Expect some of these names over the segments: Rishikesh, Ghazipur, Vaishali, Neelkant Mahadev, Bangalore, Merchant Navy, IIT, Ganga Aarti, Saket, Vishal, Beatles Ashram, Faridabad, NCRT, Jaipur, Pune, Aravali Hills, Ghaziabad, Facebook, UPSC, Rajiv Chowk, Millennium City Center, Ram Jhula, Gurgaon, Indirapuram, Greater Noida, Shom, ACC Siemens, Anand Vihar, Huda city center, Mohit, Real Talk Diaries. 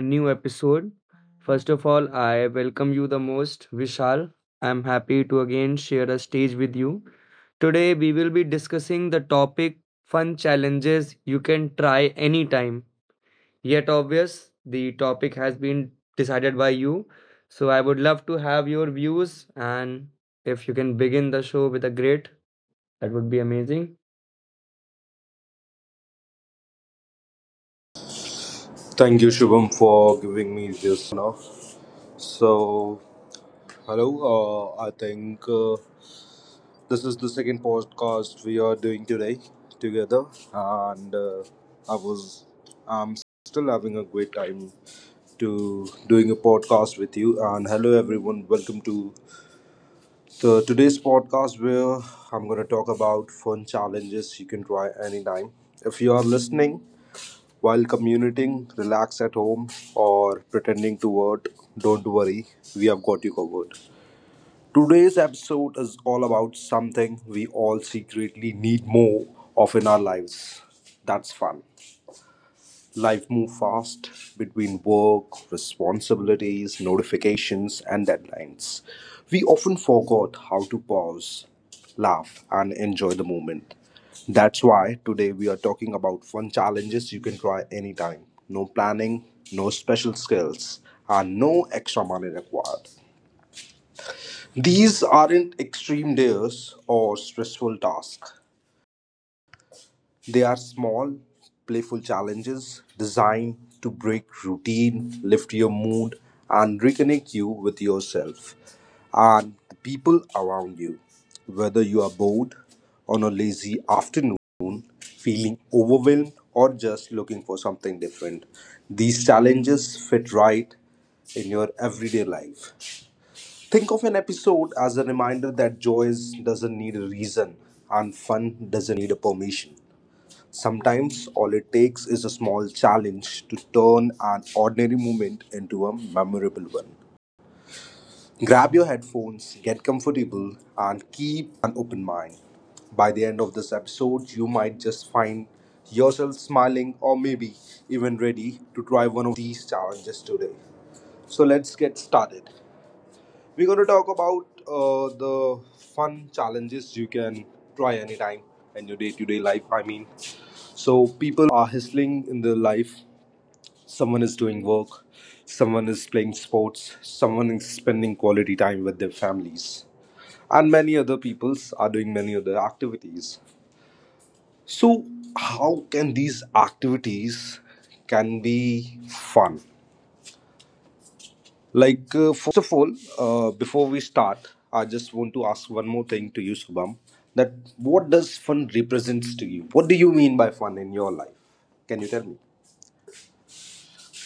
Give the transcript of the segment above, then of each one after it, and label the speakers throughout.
Speaker 1: New episode. First of all, I welcome you the most, Vishal. I'm happy to again share a stage with you. Today, we will be discussing the topic fun challenges you can try anytime. Yet, obvious, the topic has been decided by you. So, I would love to have your views, and if you can begin the show with a great, that would be amazing.
Speaker 2: Thank you, Shubham, for giving me this honor. So, hello. I think this is the second podcast we are doing today together, and I was I'm still having a great time to doing a podcast with you. And hello, everyone. Welcome to the today's podcast where I'm gonna talk about fun challenges you can try anytime. If you are listening while commuting, relax at home, or pretending to work, don't worry, we have got you covered. Today's episode is all about something we all secretly need more of in our lives. That's fun. Life moves fast between work, responsibilities, notifications, and deadlines. We often forgot how to pause, laugh, and enjoy the moment. That's why today we are talking about fun challenges you can try anytime. No planning, no special skills, and no extra money required. These aren't extreme days or stressful tasks. They are small, playful challenges designed to break routine, lift your mood, and reconnect you with yourself and the people around you. Whether you are bored on a lazy afternoon, feeling overwhelmed, or just looking for something different, these challenges fit right in your everyday life. Think of an episode as a reminder that doesn't need a reason and fun doesn't need a permission. Sometimes all it takes is a small challenge to turn an ordinary moment into a memorable one. Grab your headphones, get comfortable, and keep an open mind. By the end of this episode, you might just find yourself smiling or maybe even ready to try one of these challenges today. So let's get started. We're going to talk about the fun challenges you can try anytime in your day to day life. I mean, so people are hustling in their life. Someone is doing work, someone is playing sports, someone is spending quality time with their families, and many other peoples are doing many other activities. So, how can these activities can be fun? First of all, before we start, I just want to ask one more thing to you, Shubham. That what does fun represents to you? What do you mean by fun in your life? Can you tell me?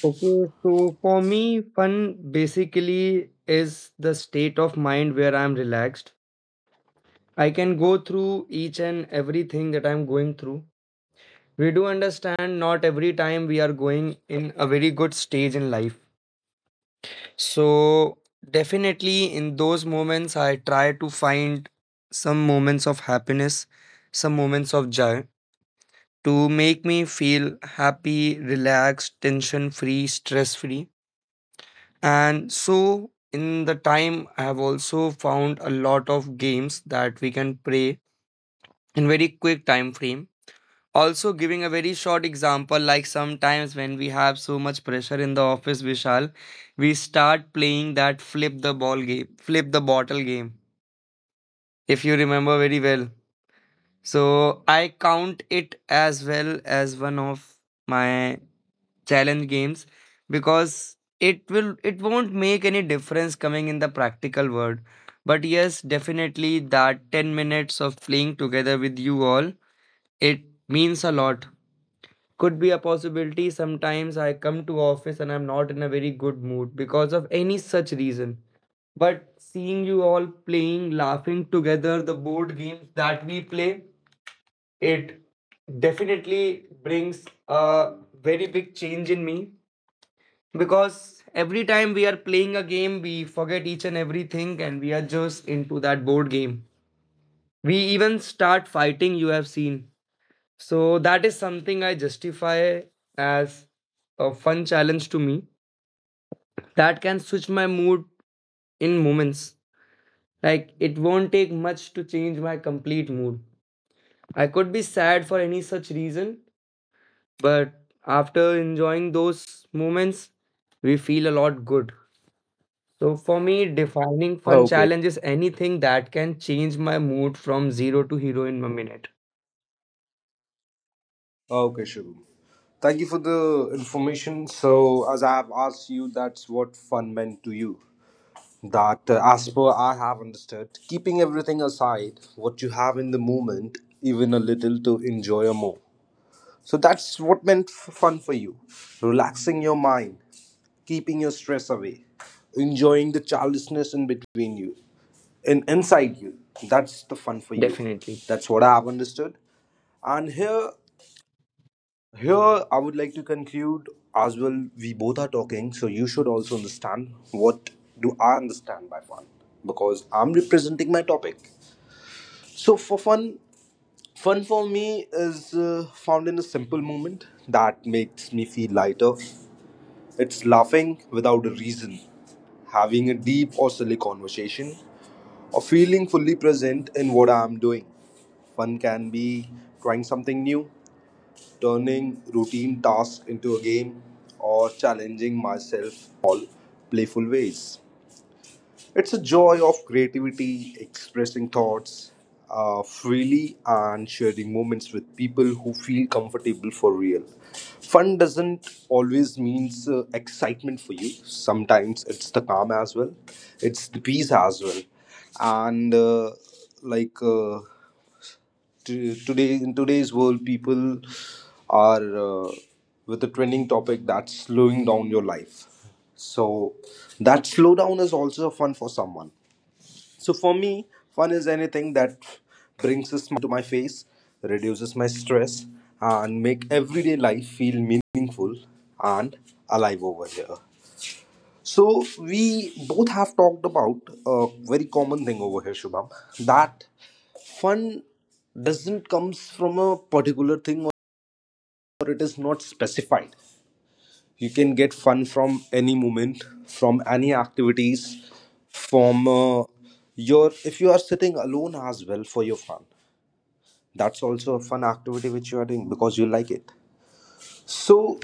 Speaker 1: Okay, so for me, fun basically is the state of mind where I'm relaxed. I can go through each and everything that I'm going through. We do understand not every time we are going in a very good stage in life. So, definitely in those moments, I try to find some moments of happiness, some moments of joy to make me feel happy, relaxed, tension free, stress free. And so, in the time, I have also found a lot of games that we can play in very quick time frame. Also, giving a very short example, like sometimes when we have so much pressure in the office, Vishal, we start playing that flip the ball game, flip the bottle game, if you remember very well. So, I count it as well as one of my challenge games because it won't make any difference coming in the practical world, but yes, definitely that 10 minutes of playing together with you all, it means a lot. Could be a possibility sometimes I come to office and I'm not in a very good mood because of any such reason, but seeing you all playing, laughing together, the board games that we play, it definitely brings a very big change in me because every time we are playing a game, we forget each and everything and we are just into that board game. We even start fighting, you have seen. So that is something I justify as a fun challenge to me that can switch my mood in moments. Like it won't take much to change my complete mood. I could be sad for any such reason, but after enjoying those moments, we feel a lot good. So for me, defining fun
Speaker 2: Okay.
Speaker 1: challenge is anything that can change my mood from zero to hero in a minute.
Speaker 2: Okay, Shubham. Thank you for the information. So, as I have asked you, that's what fun meant to you. That, as per I have understood, keeping everything aside, what you have in the moment, even a little to enjoy more. So, that's what meant fun for you. Relaxing your mind, keeping your stress away, enjoying the childishness in between you, in inside you. That's the fun for you.
Speaker 1: Definitely.
Speaker 2: That's what I have understood. And here I would like to conclude as well. We both are talking, so you should also understand what do I understand by fun because I'm representing my topic. So for fun, fun for me is found in a simple moment that makes me feel lighter, it's laughing without a reason, having a deep or silly conversation, or feeling fully present in what I am doing. Fun can be trying something new, turning routine tasks into a game, or challenging myself playful ways. It's a joy of creativity, expressing thoughts freely, and sharing moments with people who feel comfortable for real. Fun doesn't always means excitement for you. Sometimes it's the calm as well. It's the peace as well. And like uh, today in today's world, people are with a trending topic that's slowing down your life. So that slowdown is also fun for someone. So for me, fun is anything that brings a smile to my face, reduces my stress, and make everyday life feel meaningful and alive over here. So we both have talked about a very common thing over here, Shubham, that fun doesn't comes from a particular thing or it is not specified. You can get fun from any moment, from any activities, from your, if you are sitting alone as well for your fun, that's also a fun activity which you are doing because you like it. So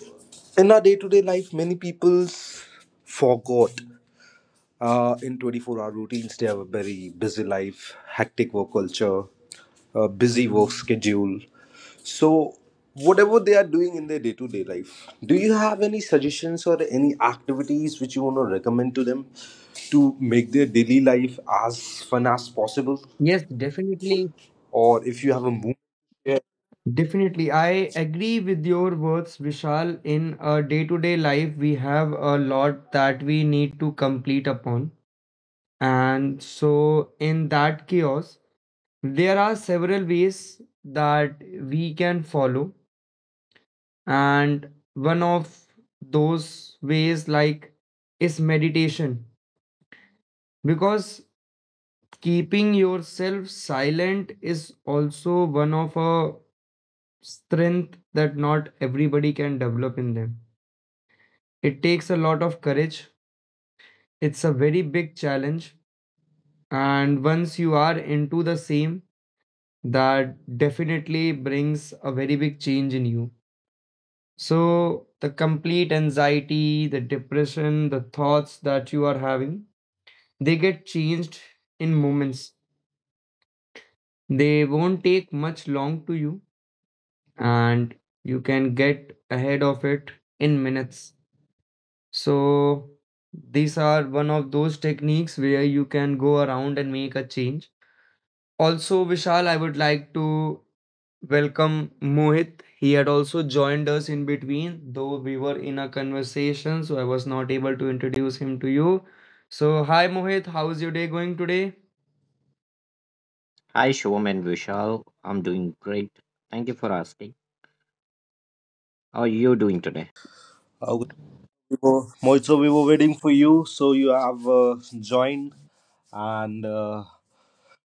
Speaker 2: in our day-to-day life many people forgot, in 24-hour routines, they have a very busy life, hectic work culture, a busy work schedule. So, whatever they are doing in their day to day life, do you have any suggestions or any activities which you want to recommend to them to make their daily life as fun as possible?
Speaker 1: Yes, definitely.
Speaker 2: Or if you have a movie,
Speaker 1: Definitely. I agree with your words, Vishal. In a day-to-day life, we have a lot that we need to complete upon. And so, in that chaos, there are several ways that we can follow. And one of those ways, like, is meditation. Because keeping yourself silent is also one of a strength that not everybody can develop in them. It takes a lot of courage. It's a very big challenge, and once you are into the same, that definitely brings a very big change in you. So the complete anxiety, the depression, the thoughts that you are having, they get changed in moments. They won't take much long to you, and you can get ahead of it in minutes. So, these are one of those techniques where you can go around and make a change. Also, Vishal, I would like to welcome Mohit. He had also joined us in between, though we were in a conversation, so I was not able to introduce him to you. So, hi Mohit, how's your day going today?
Speaker 3: Hi, Shom and Vishal. I'm doing great. Thank you for asking. How are you doing today?
Speaker 2: uh, Moitzo, we were waiting for you, so you have joined and.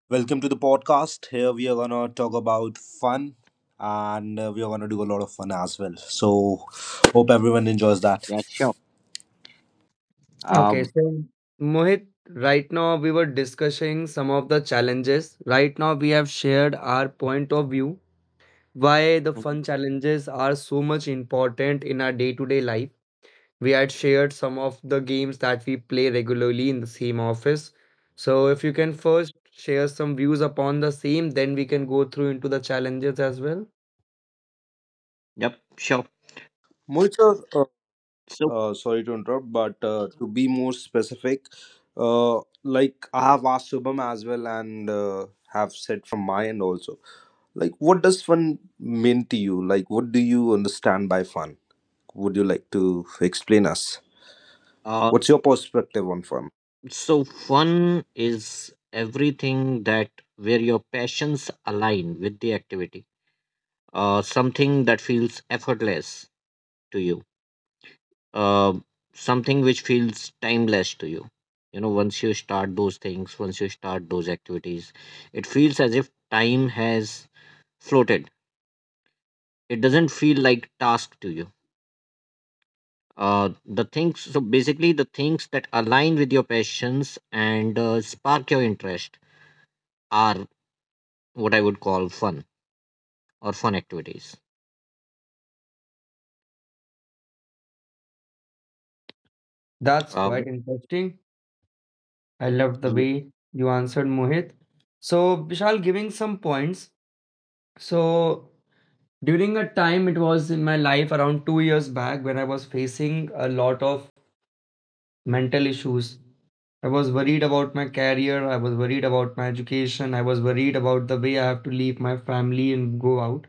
Speaker 2: Welcome to the podcast. Here we are gonna talk about fun, and we are gonna do a lot of fun as well. So, hope everyone enjoys that.
Speaker 3: Yeah, sure.
Speaker 1: Okay,
Speaker 3: Um,
Speaker 1: so Mohit, right now we were discussing some of the challenges. Right now we have shared our point of view why the
Speaker 3: mhm.
Speaker 1: fun challenges are so much important in our day-to-day life. We had shared some of the games that we play regularly in the same office. So if you can first share some views upon the same, then we can go through into the challenges as well.
Speaker 3: Yep, sure.
Speaker 2: Mohit sir,
Speaker 3: So,
Speaker 2: sorry to interrupt, but to be more specific, like I have asked Subham as well, and have said from my end also. Like, what does fun mean to you? Like, what do you understand by fun? Would you like to explain us?
Speaker 3: uh,
Speaker 2: What's your perspective on fun?
Speaker 3: so fun is everything that, where your passions align with the activity. Something that feels effortless to you. Uh, Something which feels timeless to you. You know, once you start those things, once you start those activities, it feels as if time has floated. It doesn't feel like task to you. Uh the things So basically, the things that align with your passions and, spark your interest are what I would call fun or fun activities.
Speaker 1: That's
Speaker 3: uh,
Speaker 1: quite interesting. I loved the
Speaker 3: yeah,
Speaker 1: way you answered, Mohit. So, Vishal, giving some points. So, during a time it was in my life around 2 years back when I was facing a lot of mental issues, I was worried about my career, I was worried about my education, I was worried about the way I have to leave my family and go out.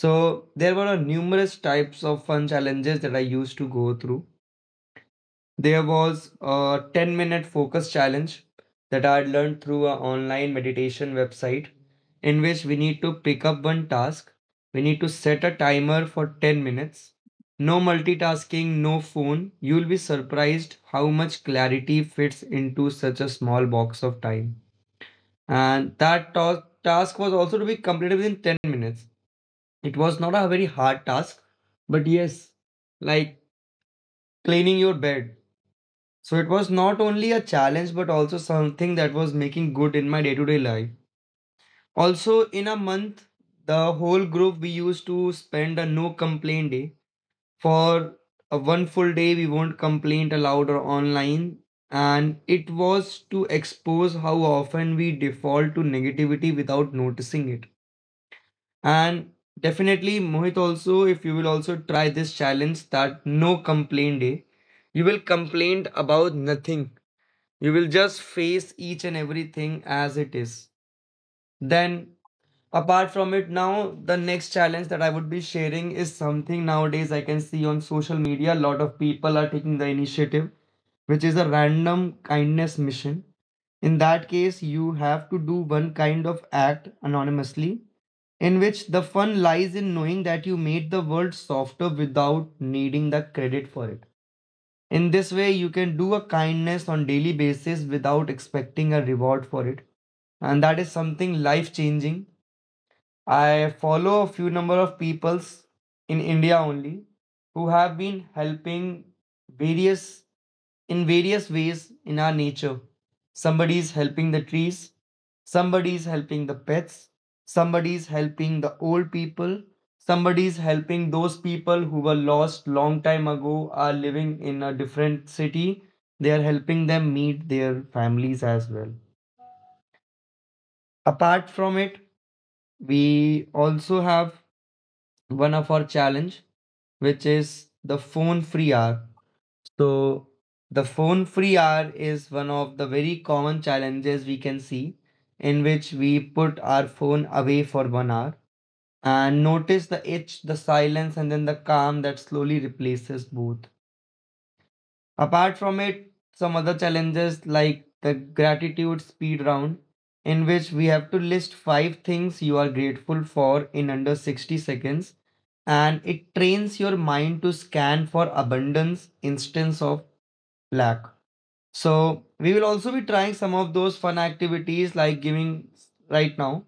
Speaker 1: So there were a numerous types of fun challenges that I used to go through. There was a 10-minute focus challenge that I had learned through an online meditation website, in which we need to pick up one task. We need to set a timer for 10 minutes. No multitasking, no phone. You'll be surprised how much clarity fits into such a small box of time. And that task was also to be completed within 10 minutes. It was not a very hard task, but yes, like cleaning your bed. So it was not only a challenge, but also something that was making good in my day to day life. Also, in a month, the whole group we used to spend a no complaint day. For a one full day, we won't complain aloud or online. And it was to expose how often we default to negativity without noticing it. And definitely, Mohit, also, if you will also try this challenge that no complaint day, you will complain about nothing. You will just face each and everything as it is. Then, apart from it, now the next challenge that I would be sharing is something nowadays I can see on social media. A lot of people are taking the initiative, which is a random kindness mission. In that case, you have to do one kind of act anonymously, in which the fun lies in knowing that you made the world softer without needing the credit for it. In this way, you can do a kindness on daily basis without expecting a reward for it. And that is something life changing. I follow a few number of peoples in India only who have been helping various in various ways in our nature. Somebody is helping the trees, somebody is helping the pets, somebody is helping the old people, somebody is helping those people who were lost long time ago are living in a different city. They are helping them meet their families as well. Apart from it, we also have one of our challenge which is the phone free hour. So the phone free hour is one of the very common challenges we can see, in which we put our phone away for 1 hour and notice the itch, the silence, and then the calm that slowly replaces both. Apart from it, some other challenges like the gratitude speed round, in which we have to list five things you are grateful for in under 60 seconds, and it trains your mind to scan for abundance instead of lack. So we will also be trying some of those fun activities like giving right now.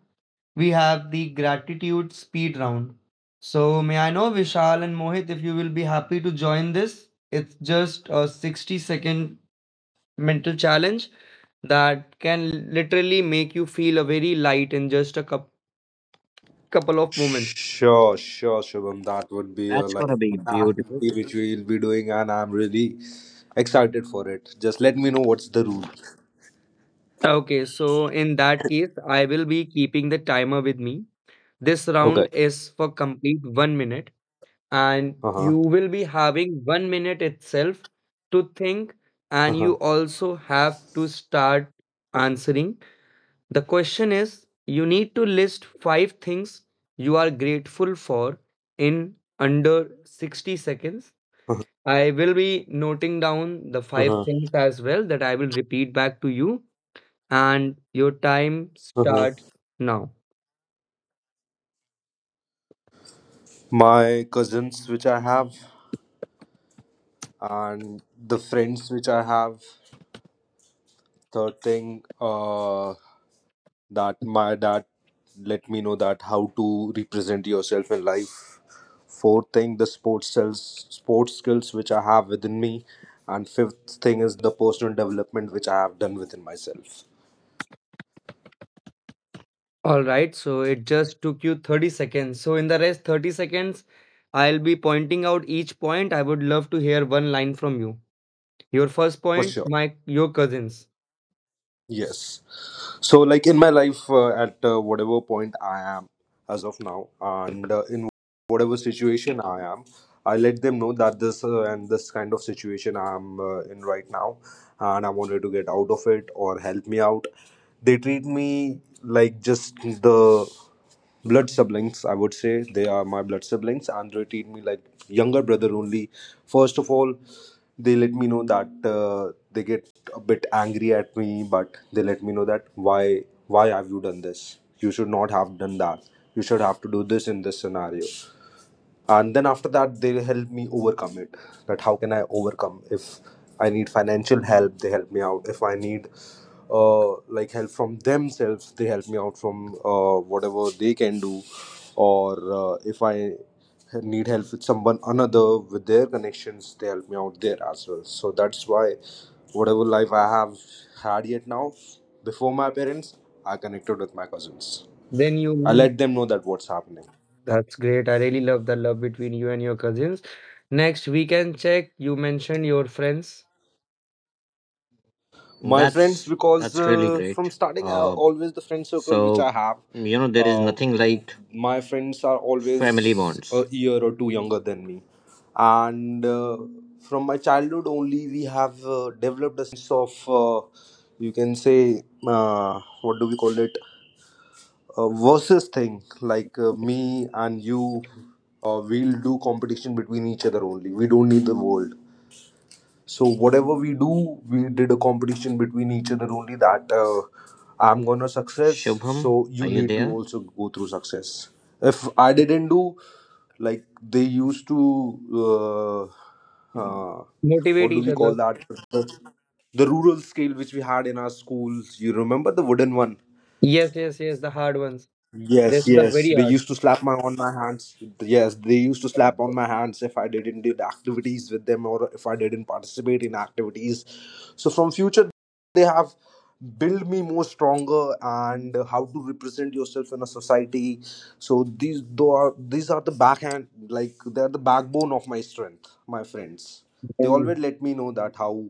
Speaker 1: We have the gratitude speed round. So may I know Vishal and Mohit if you will be happy to join this? It's just a 60-second mental challenge that can literally make you feel a very light in just a couple of moments.
Speaker 2: Sure, sure, Shubham. That would be a
Speaker 3: that's gonna
Speaker 2: like
Speaker 3: be
Speaker 2: an
Speaker 3: beautiful.
Speaker 2: activity which we'll be doing, and I'm really excited for it. Just let me know what's the rule.
Speaker 1: Okay, so in that case, I will be keeping the timer with me. This
Speaker 2: Okay.
Speaker 1: round is for complete 1 minute. And
Speaker 2: Uh
Speaker 1: you
Speaker 2: huh.
Speaker 1: will be having 1 minute itself to think,
Speaker 2: Uh
Speaker 1: and
Speaker 2: huh.
Speaker 1: you also have to start answering the question. Is you need to list five things you are grateful for in under 60 seconds. I will be noting down the
Speaker 2: Uh
Speaker 1: five
Speaker 2: huh.
Speaker 1: things as well that I will repeat back to you, and your time
Speaker 2: Uh huh.
Speaker 1: starts now.
Speaker 2: My cousins, which I have, and the friends which I have. Third thing, that my, that let me know that how to represent yourself in life. Fourth thing, the sports skills which I have within me. And fifth thing is the personal development which I have done within myself,
Speaker 1: All right, so it just took you 30 seconds. So in the rest 30 seconds, I'll be pointing out each point. I would love to hear one line from you. Your first
Speaker 2: for
Speaker 1: point,
Speaker 2: sure.
Speaker 1: my your cousins.
Speaker 2: Yes, so like in my life at whatever point I am as of now and in whatever situation I am, I let them know that this and this kind of situation I'm in right now and I wanted to get out of it or help me out. They treat me like just the blood siblings, I would say. They are my blood siblings and they treat me like younger brother only. First of all, they let me know that they get a bit angry at me, but they let me know that why have you done this, you should not have done that, you should have to do this in this scenario. And then after that they help me overcome it, that how can I overcome. If I need financial help, they help me out. If I need uh, like help from themselves, they help me out from whatever they can do, or if I need help with someone another with their connections, they help me out there as well. So that's why whatever life I have had yet now, before my parents I connected with my cousins.
Speaker 1: Then you
Speaker 2: I
Speaker 1: will-
Speaker 2: let them know that what's happening.
Speaker 1: that's great. I really love the love between you and your cousins. Next, we can check. You mentioned your friends.
Speaker 2: My friends,
Speaker 3: that's
Speaker 2: because
Speaker 3: that's really
Speaker 2: from
Speaker 3: great.
Speaker 2: starting, I
Speaker 3: uh
Speaker 2: always the friend circle which
Speaker 3: so,
Speaker 2: I have,
Speaker 3: you know, there is
Speaker 2: uh,
Speaker 3: nothing like
Speaker 2: my friends are
Speaker 3: family
Speaker 2: always a
Speaker 3: bonds.
Speaker 2: year or two younger than me, and from my childhood only we have developed a sense of, you can say, what do we call it, versus thing. Me and you, we'll do competition between each other only. We don't need the world. So whatever we do, we did a competition between each other only, that I'm gonna success.
Speaker 3: Shubham,
Speaker 2: So
Speaker 3: are
Speaker 2: you
Speaker 3: you
Speaker 2: need to
Speaker 3: there?
Speaker 2: also go through success. If I didn't do, like they used to, uh,
Speaker 1: Motivate
Speaker 2: what do
Speaker 1: each
Speaker 2: we call
Speaker 1: other.
Speaker 2: that? The, the rural scale which we had in our schools. You remember the wooden one.
Speaker 1: Yes, yes, yes, the hard ones. They
Speaker 2: Yes,
Speaker 1: stuck
Speaker 2: yes.
Speaker 1: very
Speaker 2: They
Speaker 1: hard.
Speaker 2: used to slap my on my hands. Yes, they used to slap on my hands if I didn't did activities with them or if I didn't participate in activities. So from future they have built me more stronger and how to represent yourself in a society. So these though are, these are the backhand, like they're the backbone of my strength, my friends. They
Speaker 1: And
Speaker 2: always let me know that how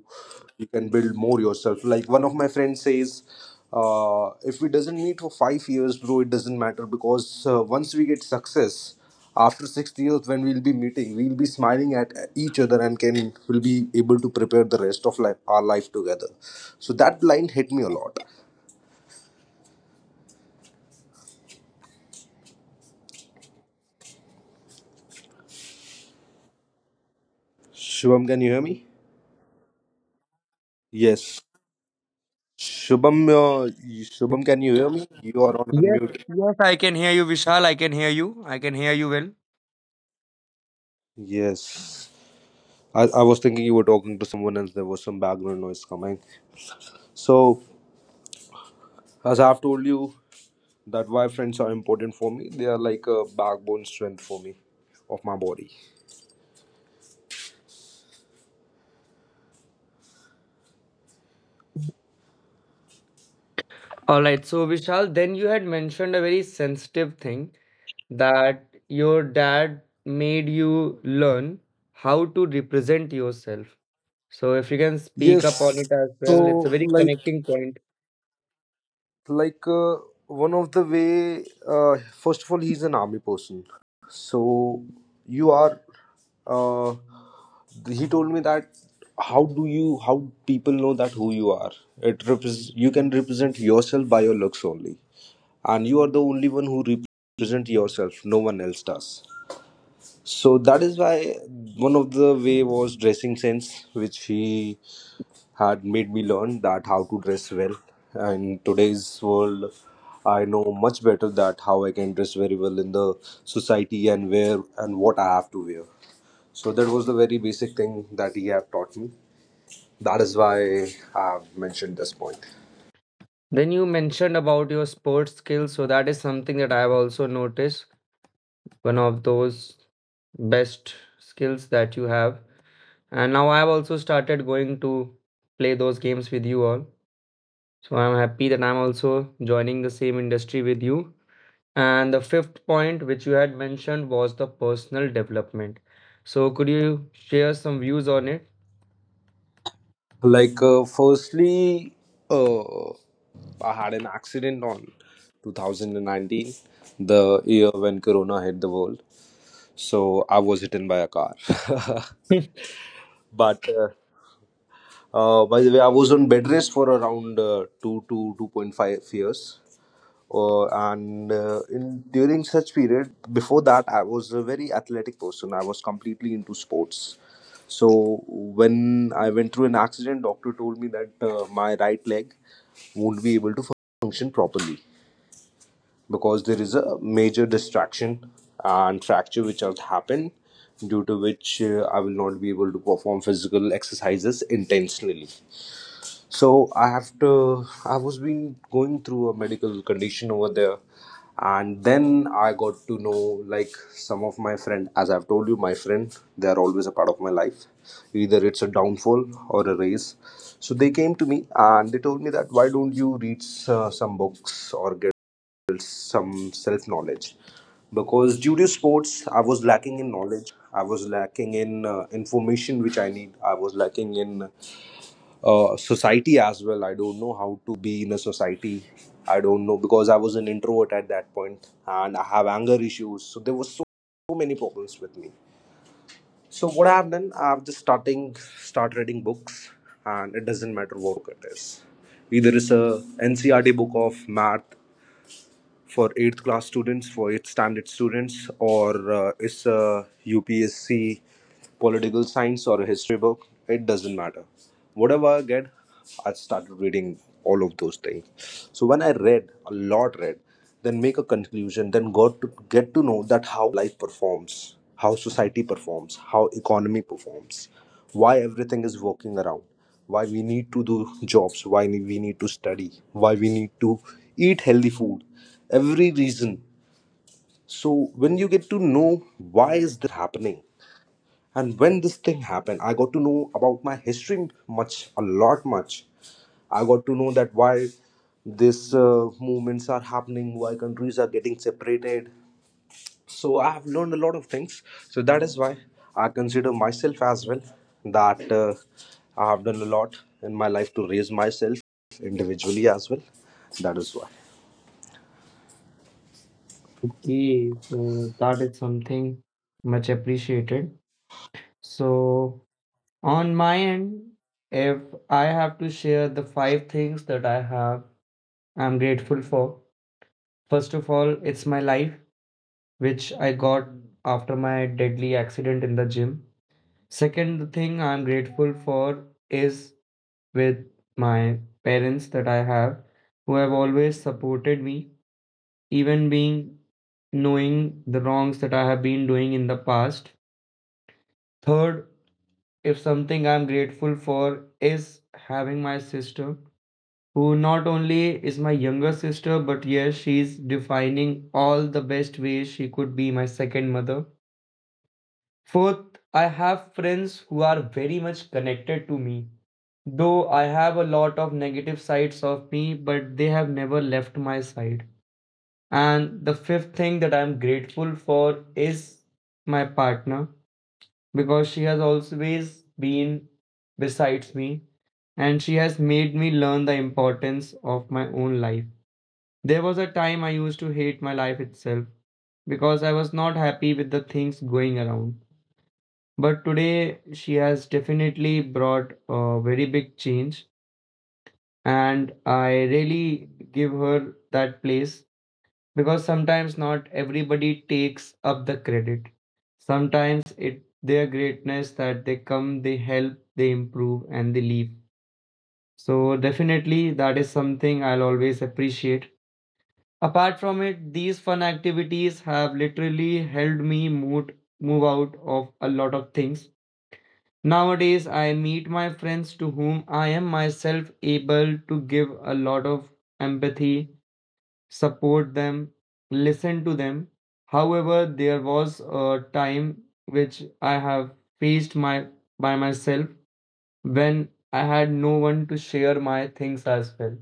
Speaker 2: you can build more yourself. Like one of my friends says if we doesn't meet for 5 years bro it doesn't matter because once we get success after 6 years when we'll be meeting we'll be smiling at each other and can will be able to prepare the rest of life, our life together. So that line hit me a lot, Shubham. Can you hear me? Yes, Shubham, Shubham, can you hear me? You are on
Speaker 1: yes,
Speaker 2: unmute.
Speaker 1: yes, I can hear you, Vishal. I can hear you. I can hear you well.
Speaker 2: Yes, I was thinking you were talking to someone else. There was some background noise coming. So, as I've told you, that why friends are important for me. They are like a backbone strength for me, of my body.
Speaker 1: All right. So, Vishal, then you had mentioned a very sensitive thing that your dad made you learn how to represent yourself. So, if you can speak up on
Speaker 2: Yes.
Speaker 1: it as well, it's a
Speaker 2: So,
Speaker 1: very connecting point.
Speaker 2: like uh, one of the way. First of all, he's an army person. So, you are. Uh, he told me that how do you how people know that who you are. You can represent yourself by your looks only, and you are the only one who represent yourself, no one else does. So that is why one of the way was dressing sense, which he had made me learn, that how to dress well in today's world. I know much better that how I can dress very well in the society and where and what I have to wear. So that was the very basic thing that he have taught me. That is why I've mentioned this point.
Speaker 1: Then you mentioned about your sports skills. So, that is something that I have also noticed. One of those best skills that you have. And now I've also started going to play those games with you all. So I'm happy that I'm also joining the same industry with you. And the fifth point, which you had mentioned, was the personal development. So could you share some views on it?
Speaker 2: Firstly, uh, I had an accident on 2019, the year when Corona hit the world. So I was hit by a car. But by the way, I was on bed rest for around two to 2.5 years, and in during such period. Before that, I was a very athletic person. I was completely into sports. So when I went through an accident, doctor told me that my right leg won't be able to function properly because there is a major distraction and fracture which has happened, due to which I will not be able to perform physical exercises intentionally. So I have to. I was been going through a medical condition over there, and then I got to know, like, some of my friend. As I've told you, my friend, they are always a part of my life. Either it's a downfall or a raise. So they came to me and they told me that why don't you read some books or get some self knowledge, because due to sports I was lacking in knowledge, I was lacking in information which I need, I was lacking in society as well. I don't know how be in a society. I don't know, because I was an introvert at that point and I have anger issues. So there were so many problems with me. So what I've done, I've just start reading books, and it doesn't matter what book it is. Either it's a NCRT book of math for 8th class students, for 8th standard students, or it's a UPSC political science or a history book. It doesn't matter. Whatever I get, I started reading all of those things. So when I read a lot, read, then make a conclusion, then got to get to know that how life performs, how society performs, how economy performs, why everything is working around, why we need to do jobs, why we need to study, why we need to eat healthy food, every reason. So when you get to know why is happening, and when this thing happened, I got to know about my history much a lot much. I got to know that why these movements are happening, why countries are getting separated. So I have learned a lot of things. So that is why I consider myself as well that I have done a lot in my life to raise myself individually as well. That is why.
Speaker 1: Okay, so that is something much appreciated. So, on my end, if I have to share the five things that I have, I'm grateful for. First of all, it's my life, which I got after my deadly accident in the gym. Second thing I'm grateful for is with my parents that I have, who have always supported me, even being knowing the wrongs that I have been doing in the past. Third, if something I'm grateful for is having my sister, who not only is my younger sister, but yes, she's defining all the best ways she could be my second mother. Fourth, I have friends who are very much connected to me. Though I have a lot of negative sides of me, but they have never left my side. And the fifth thing that I'm grateful for is my partner, because she has always been besides me and she has made me learn the importance of my own life. There was a time I used to hate my life itself because I was not happy with the things going around. But today she has definitely brought a very big change, and I really give her that place because sometimes not everybody takes up the credit. Sometimes it their greatness that they come, they help, they improve, and they leave. So definitely that is something I'll always appreciate. Apart from it, these fun activities have literally helped me move out of a lot of things. Nowadays, I meet my friends to whom I am myself able to give a lot of empathy, support them, listen to them. However, there was a time which I have faced my by myself when I had no one to share my things as well.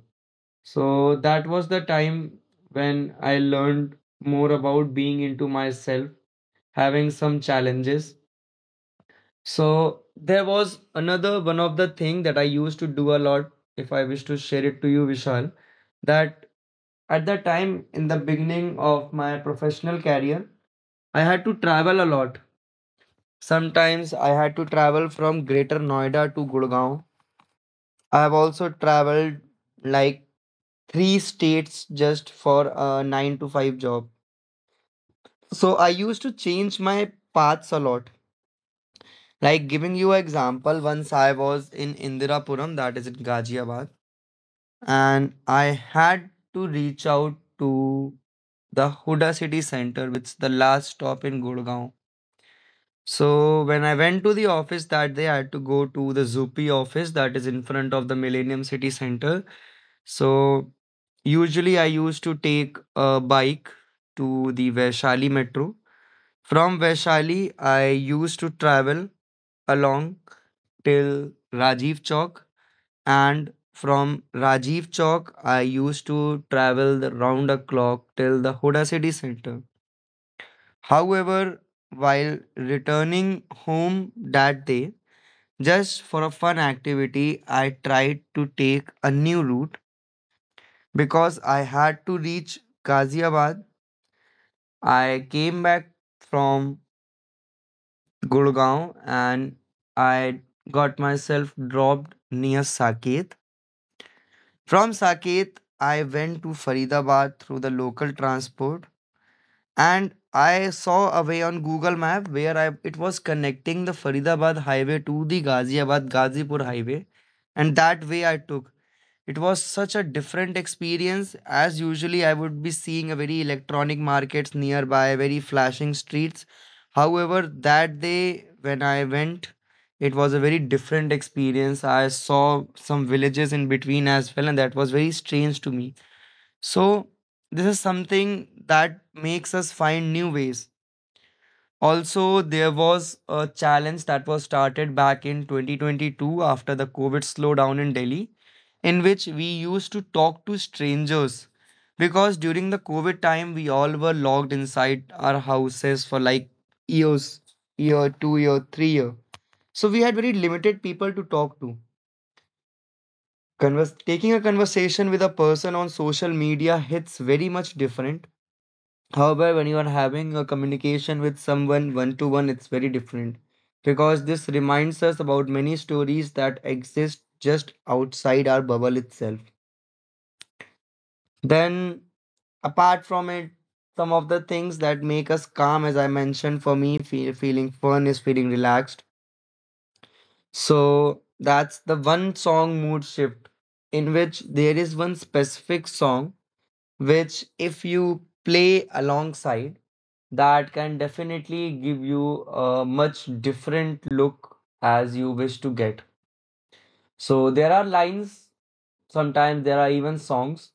Speaker 1: So that was the time when I learned more about being into myself, having some challenges. So there was another one of the thing that I used to do a lot, if I wish to share it to you, Vishal, that at the time in the beginning of my professional career, I had to travel a lot. Sometimes I had to travel from Greater Noida to Gurgaon. I have also traveled like three states just for a nine to five job. So I used to change my paths a lot. Like giving you an example, once I was in Indirapuram, that is in Ghaziabad, and I had to reach out to the Huda City Center, which is the last stop in Gurgaon. So when I went to the office that day, I had to go to the Zupi office that is in front of the Millennium City Center. So usually I used to take a bike to the Vaishali metro. From Vaishali, I used to travel along till Rajiv Chowk, and from Rajiv Chowk, I used to travel the round the clock till the Huda City Center. However, while returning home that day, just for a fun activity, I tried to take a new route because I had to reach Ghaziabad. I came back from Gurgaon and I got myself dropped near Saket. From Saket, I went to Faridabad through the local transport, and I saw a way on Google Map where I, it was connecting the Faridabad highway to the Ghaziabad Ghazipur highway, and that way I took. It was such a different experience, as usually I would be seeing a very electronic markets nearby, very flashing streets. However, that day when I went, it was a very different experience. I saw some villages in between as well, and that was very strange to me. So, this is something that makes us find new ways. Also, there was a challenge that was started back in 2022 after the COVID slowdown in Delhi, in which we used to talk to strangers, because during the COVID time, we all were locked inside our houses for like years, year, 2 year, 3 year. So we had very limited people to talk to. Taking a conversation with a person on social media hits very much different. However, when you are having a communication with someone one to one, it's very different because this reminds us about many stories that exist just outside our bubble itself. Then, apart from it, some of the things that make us calm, as I mentioned, for me, feeling fun is feeling relaxed. So, that's the one song mood shift, in which there is one specific song which if you play alongside that can definitely give you a much different look as you wish to get. So there are lines, sometimes there are even songs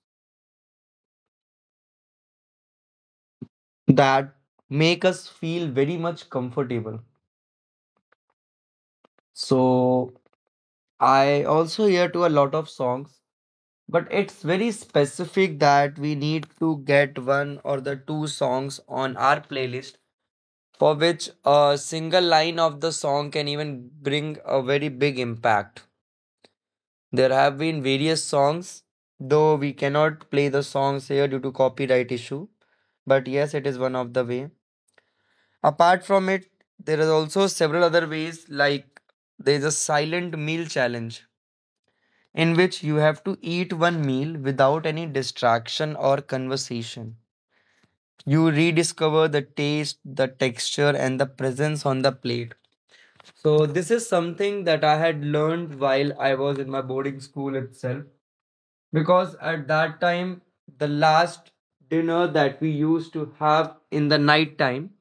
Speaker 1: that make us feel very much comfortable. So I also hear to a lot of songs, but it's very specific that we need to get one or the two songs on our playlist for which a single line of the song can even bring a very big impact. There have been various songs, though we cannot play the songs here due to copyright issue. But yes, it is one of the way. Apart from it, there is also several other ways, like there is a silent meal challenge in which you have to eat one meal without any distraction or conversation. You rediscover the taste, the texture and the presence on the plate. So this is something that I had learned while I was in my boarding school itself, because at that time the last dinner that we used to have in the night time,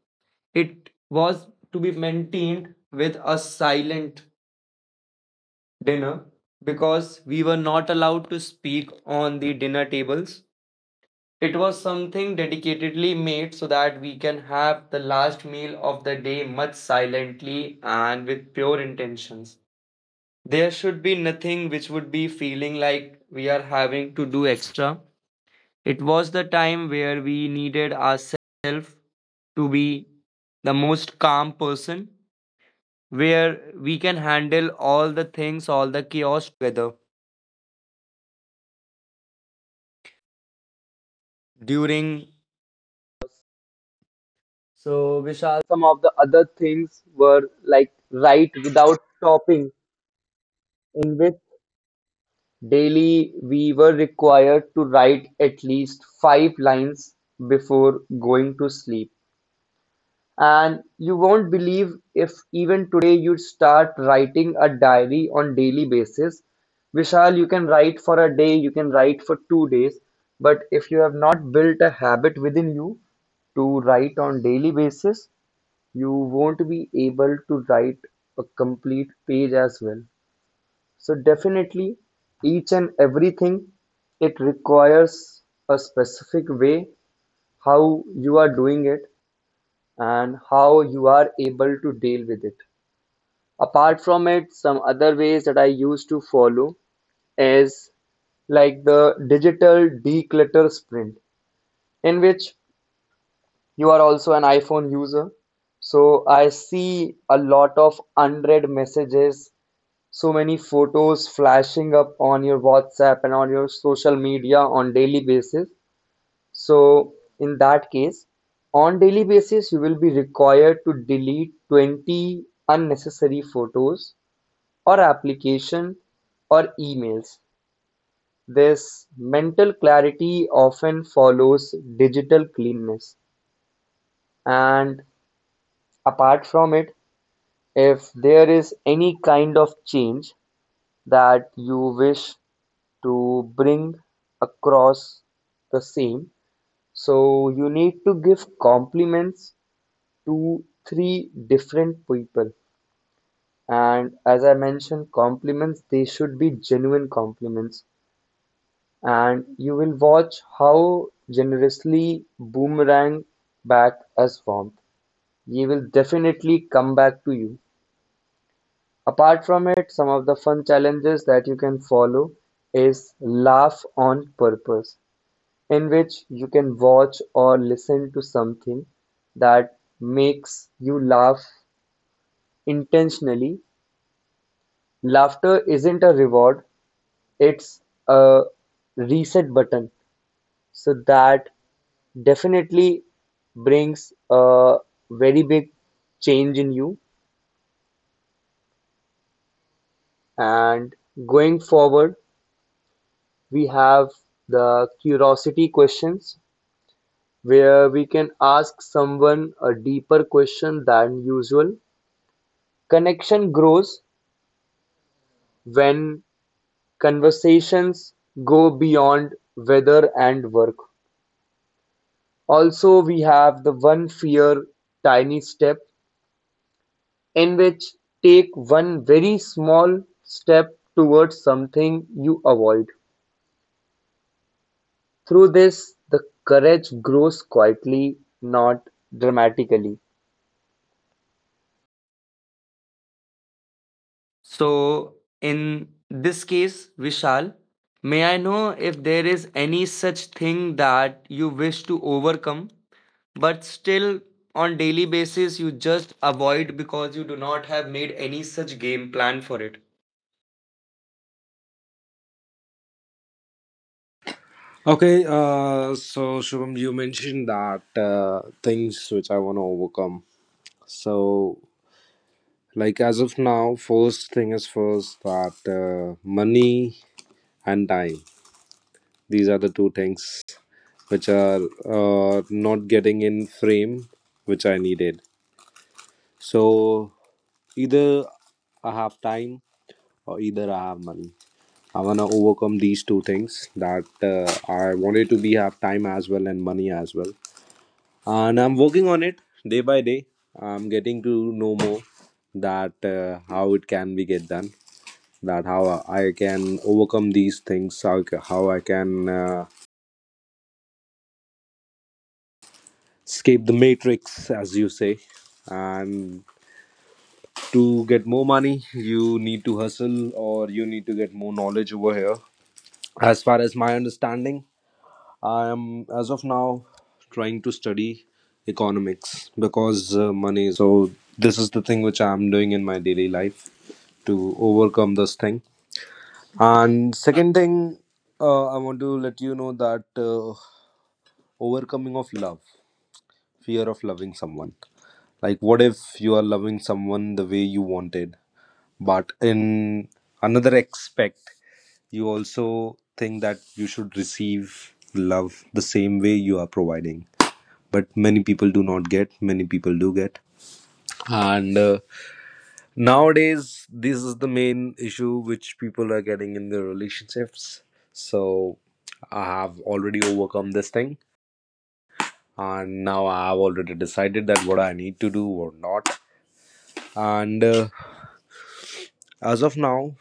Speaker 1: it was to be maintained with a silent dinner, because we were not allowed to speak on the dinner tables. It was something dedicatedly made so that we can have the last meal of the day much silently and with pure intentions. There should be nothing which would be feeling like we are having to do extra. It was the time where we needed ourselves to be the most calm person, where we can handle all the things, all the chaos together during. So, Vishal, some of the other things were like write without stopping, in which daily we were required to write at least five lines before going to sleep. And you won't believe if even today you start writing a diary on daily basis. Vishal, you can write for a day, you can write for 2 days, but if you have not built a habit within you to write on daily basis, you won't be able to write a complete page as well. So definitely each and everything it requires a specific way how you are doing it and how you are able to deal with it. Apart from it, some other ways that I used to follow is like the digital declutter sprint, in which you are also an iPhone user. So I see a lot of unread messages, so many photos flashing up on your WhatsApp and on your social media on daily basis. So in that case, on daily basis, you will be required to delete 20 unnecessary photos or application or emails. This mental clarity often follows digital cleanness. And apart from it, if there is any kind of change that you wish to bring across the same, so you need to give compliments to three different people. And as I mentioned, compliments, they should be genuine compliments. And you will watch how generously boomerang back as warmth. He will definitely come back to you. Apart from it, some of the fun challenges that you can follow is laugh on purpose, in which you can watch or listen to something that makes you laugh intentionally. Laughter isn't a reward, it's a reset button. So that definitely brings a very big change in you. And going forward, we have the curiosity questions where we can ask someone a deeper question than usual. Connection grows when conversations go beyond weather and work. Also we have the one fear tiny step, in which take one very small step towards something you avoid. Through this, the courage grows quietly, not dramatically. So, in this case, Vishal, may I know if there is any such thing that you wish to overcome, but still on daily basis you just avoid because you do not have made any such game plan for it?
Speaker 2: Okay, so Shubham, you mentioned that things which I want to overcome. So, like as of now, first thing is first that money and time. These are the two things which are not getting in frame, which I needed. So either I have time or either I have money. I want to overcome these two things, that I wanted to be have time as well and money as well. And I'm working on it day by day. I'm getting to know more that how it can be get done, that how I can overcome these things, how, how I can escape the matrix, as you say. And to get more money, you need to hustle or you need to get more knowledge. Over here, as far as my understanding, I am as of now trying to study economics, because money is. So this is the thing which I'm doing in my daily life to overcome this thing. And second thing, I want to let you know that overcoming of love, fear of loving someone. Like, what if you are loving someone the way you wanted, but in another aspect, you also think that you should receive love the same way you are providing. But many people do not get, many people do get. And nowadays, this is the main issue which people are getting in their relationships. So I have already overcome this thing, and now I have already decided that what I need to do or not. And as of now,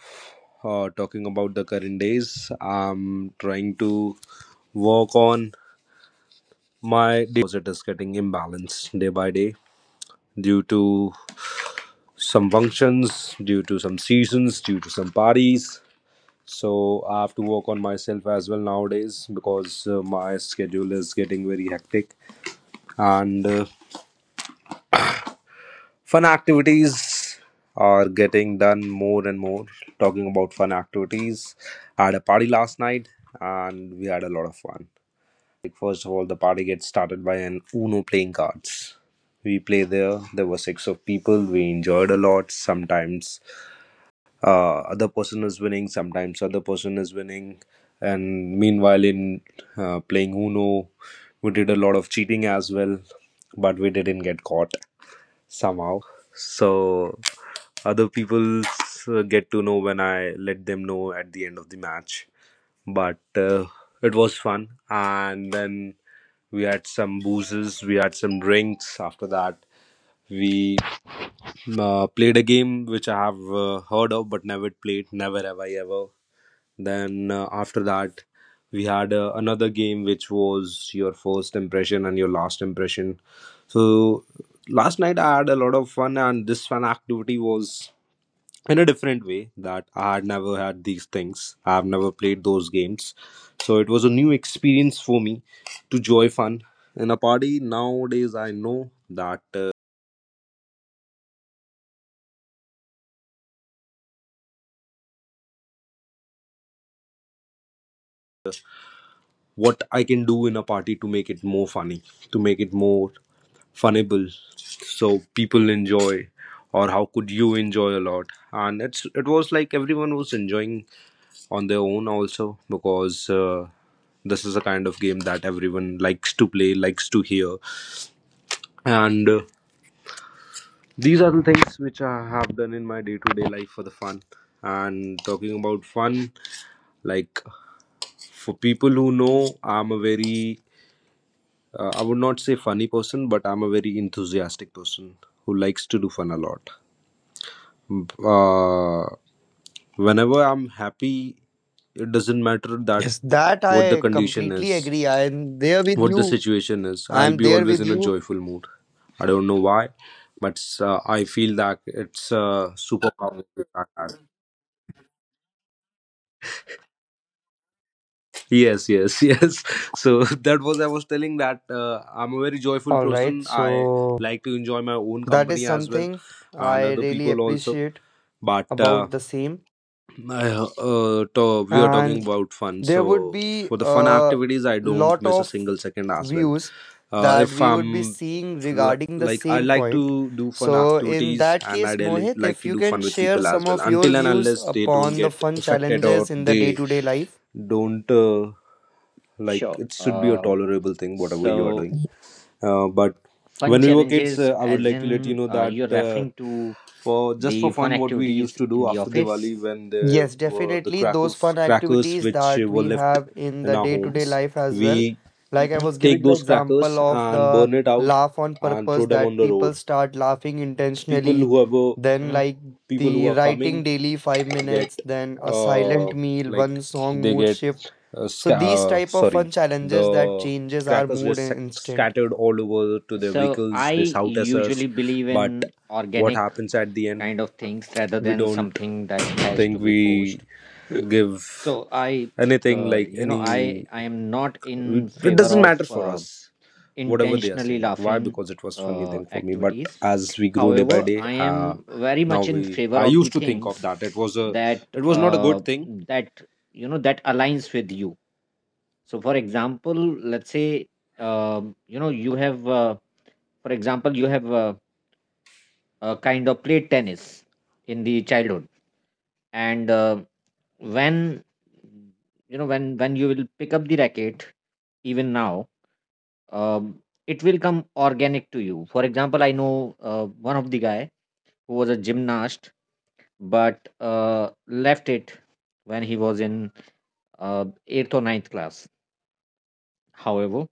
Speaker 2: talking about the current days, I'm trying to work on my, it is getting imbalanced day by day due to some functions, due to some seasons, due to some parties. So I have to work on myself as well nowadays, because my schedule is getting very hectic, and fun activities are getting done more and more. Talking about fun activities, I had a party last night, and we had a lot of fun. Like, first of all, the party gets started by an uno playing cards. We play, there were six of people. We enjoyed a lot. Sometimes other person is winning, sometimes other person is winning. And meanwhile in playing uno, we did a lot of cheating as well, but we didn't get caught somehow. So other people get to know when I let them know at the end of the match. But it was fun, and then we had some boozes, we had some drinks. After that, we played a game which I have heard of but never played, never have I ever. Then after that, we had another game which was your first impression and your last impression. So last night I had a lot of fun, and this fun activity was in a different way that I had never had these things. I have never played those games, so it was a new experience for me to join fun in a party. Nowadays, I know that. What I can do in a party to make it more funny, to make it more funnable, so people enjoy, or how could you enjoy a lot? And it's, it was like everyone was enjoying on their own also, because this is a kind of game that everyone likes to play, likes to hear. And these are the things which I have done in my day to day life for the fun. And talking about fun, like for people who know, I'm a very I would not say funny person, but I'm a very enthusiastic person who likes to do fun a lot. Uh, Whenever I'm happy, it doesn't matter that
Speaker 1: Yes, that
Speaker 2: what the
Speaker 1: I
Speaker 2: condition
Speaker 1: completely
Speaker 2: is,
Speaker 1: agree. I am there with
Speaker 2: what the
Speaker 1: you.
Speaker 2: situation is,
Speaker 1: I
Speaker 2: I'll
Speaker 1: am
Speaker 2: be
Speaker 1: there
Speaker 2: always
Speaker 1: with
Speaker 2: in a
Speaker 1: you.
Speaker 2: joyful mood. I don't know why, but I feel that it's a superpower that I have. Yes, yes, yes. So that was, I was telling that I'm a very joyful
Speaker 1: All right.
Speaker 2: person. I
Speaker 1: So
Speaker 2: like to enjoy my own
Speaker 1: that is
Speaker 2: company as well,
Speaker 1: something
Speaker 2: and
Speaker 1: I
Speaker 2: other
Speaker 1: really
Speaker 2: people also.
Speaker 1: appreciate
Speaker 2: But
Speaker 1: about the same.
Speaker 2: I, we are talking
Speaker 1: And
Speaker 2: about fun.
Speaker 1: there would
Speaker 2: So
Speaker 1: be
Speaker 2: for the fun
Speaker 1: a
Speaker 2: activities, I don't
Speaker 1: lot
Speaker 2: miss a
Speaker 1: of
Speaker 2: single second as well.
Speaker 1: views that
Speaker 2: If
Speaker 1: we would be
Speaker 2: I'm
Speaker 1: seeing
Speaker 2: l-
Speaker 1: regarding the
Speaker 2: like I
Speaker 1: same
Speaker 2: like
Speaker 1: point.
Speaker 2: to do fun
Speaker 1: So, in
Speaker 2: activities,
Speaker 1: that
Speaker 2: and I
Speaker 1: case,
Speaker 2: really
Speaker 1: Mohit,
Speaker 2: like
Speaker 1: if
Speaker 2: to
Speaker 1: you
Speaker 2: do
Speaker 1: can
Speaker 2: fun with
Speaker 1: share
Speaker 2: people as
Speaker 1: some
Speaker 2: well.
Speaker 1: of your
Speaker 2: Until and
Speaker 1: views
Speaker 2: unless they don't
Speaker 1: upon the
Speaker 2: get
Speaker 1: fun
Speaker 2: affected, or
Speaker 1: challenges in the day
Speaker 2: they
Speaker 1: to day life.
Speaker 2: don't like,
Speaker 3: Sure.
Speaker 2: it should be a tolerable thing whatever you are
Speaker 3: So,
Speaker 2: doing. But
Speaker 3: fun
Speaker 2: when we were kids,
Speaker 3: challenges,
Speaker 2: I would
Speaker 3: as
Speaker 2: like to let you
Speaker 3: in,
Speaker 2: know that
Speaker 3: you're referring to
Speaker 2: for just
Speaker 3: the
Speaker 2: for
Speaker 3: fun
Speaker 2: fun, what we used
Speaker 3: activities
Speaker 2: to
Speaker 3: in
Speaker 2: do,
Speaker 3: the
Speaker 2: after Diwali,
Speaker 3: office.
Speaker 2: when there
Speaker 1: Yes,
Speaker 2: were the
Speaker 1: definitely. Those
Speaker 2: crackers,
Speaker 1: fun activities
Speaker 2: which
Speaker 1: that
Speaker 2: were
Speaker 1: we
Speaker 2: left
Speaker 1: have in
Speaker 2: in
Speaker 1: the
Speaker 2: our
Speaker 1: day-to-day
Speaker 2: homes,
Speaker 1: life as
Speaker 2: we
Speaker 1: well. Like I
Speaker 3: hmm
Speaker 1: was
Speaker 2: take
Speaker 1: giving the
Speaker 2: those
Speaker 1: example
Speaker 2: crackers
Speaker 1: of
Speaker 2: and
Speaker 1: the
Speaker 2: burn it out
Speaker 1: laugh on
Speaker 2: and throw
Speaker 1: purpose
Speaker 2: them on
Speaker 1: that
Speaker 2: the
Speaker 1: people
Speaker 2: road,
Speaker 1: start laughing
Speaker 2: people,
Speaker 1: intentionally.
Speaker 2: whoever,
Speaker 1: Then
Speaker 3: hmm
Speaker 1: like
Speaker 2: people who
Speaker 1: the
Speaker 2: are
Speaker 1: writing
Speaker 2: coming
Speaker 1: daily 5 minutes,
Speaker 2: get
Speaker 1: then a
Speaker 2: uh
Speaker 1: silent meal,
Speaker 2: like
Speaker 1: one song
Speaker 2: they
Speaker 1: mood
Speaker 2: get
Speaker 1: shift. So
Speaker 2: sca-
Speaker 1: these type of fun
Speaker 2: sorry
Speaker 1: challenges that
Speaker 2: the
Speaker 1: changes our
Speaker 2: crackers get
Speaker 1: mood in instant.
Speaker 2: scattered all over to their
Speaker 3: So, I
Speaker 2: vehicles. They shout at us,
Speaker 3: usually believe
Speaker 2: but
Speaker 3: in
Speaker 2: what
Speaker 3: organic
Speaker 2: happens at the end?
Speaker 3: kind of things rather
Speaker 2: We
Speaker 3: than
Speaker 2: don't
Speaker 3: something that has to
Speaker 2: think,
Speaker 3: be
Speaker 2: we
Speaker 3: forced.
Speaker 2: give
Speaker 3: So, I,
Speaker 2: anything, like
Speaker 3: you know,
Speaker 2: any,
Speaker 3: I am not in
Speaker 2: it
Speaker 3: favor
Speaker 2: doesn't matter
Speaker 3: of
Speaker 2: for us whatever they are
Speaker 3: intentionally
Speaker 2: saying, why?
Speaker 3: laughing
Speaker 2: Because it was funny thing for me. But
Speaker 3: activities.
Speaker 2: as we grow day by
Speaker 3: However,
Speaker 2: day,
Speaker 3: I am very
Speaker 2: now
Speaker 3: much in
Speaker 2: we
Speaker 3: favor
Speaker 2: I
Speaker 3: of the
Speaker 2: used to think of
Speaker 3: things
Speaker 2: that, it was a,
Speaker 3: that,
Speaker 2: it was not a good thing.
Speaker 3: that that aligns with you. So, for example, let's say, you know, you have, for example, you have, kind of played tennis in the childhood, and when, when you will pick up the racket, even now, um, it will come organic to you. For example, I know one of the guy who was a gymnast, but left it when he was in eighth or ninth class. However,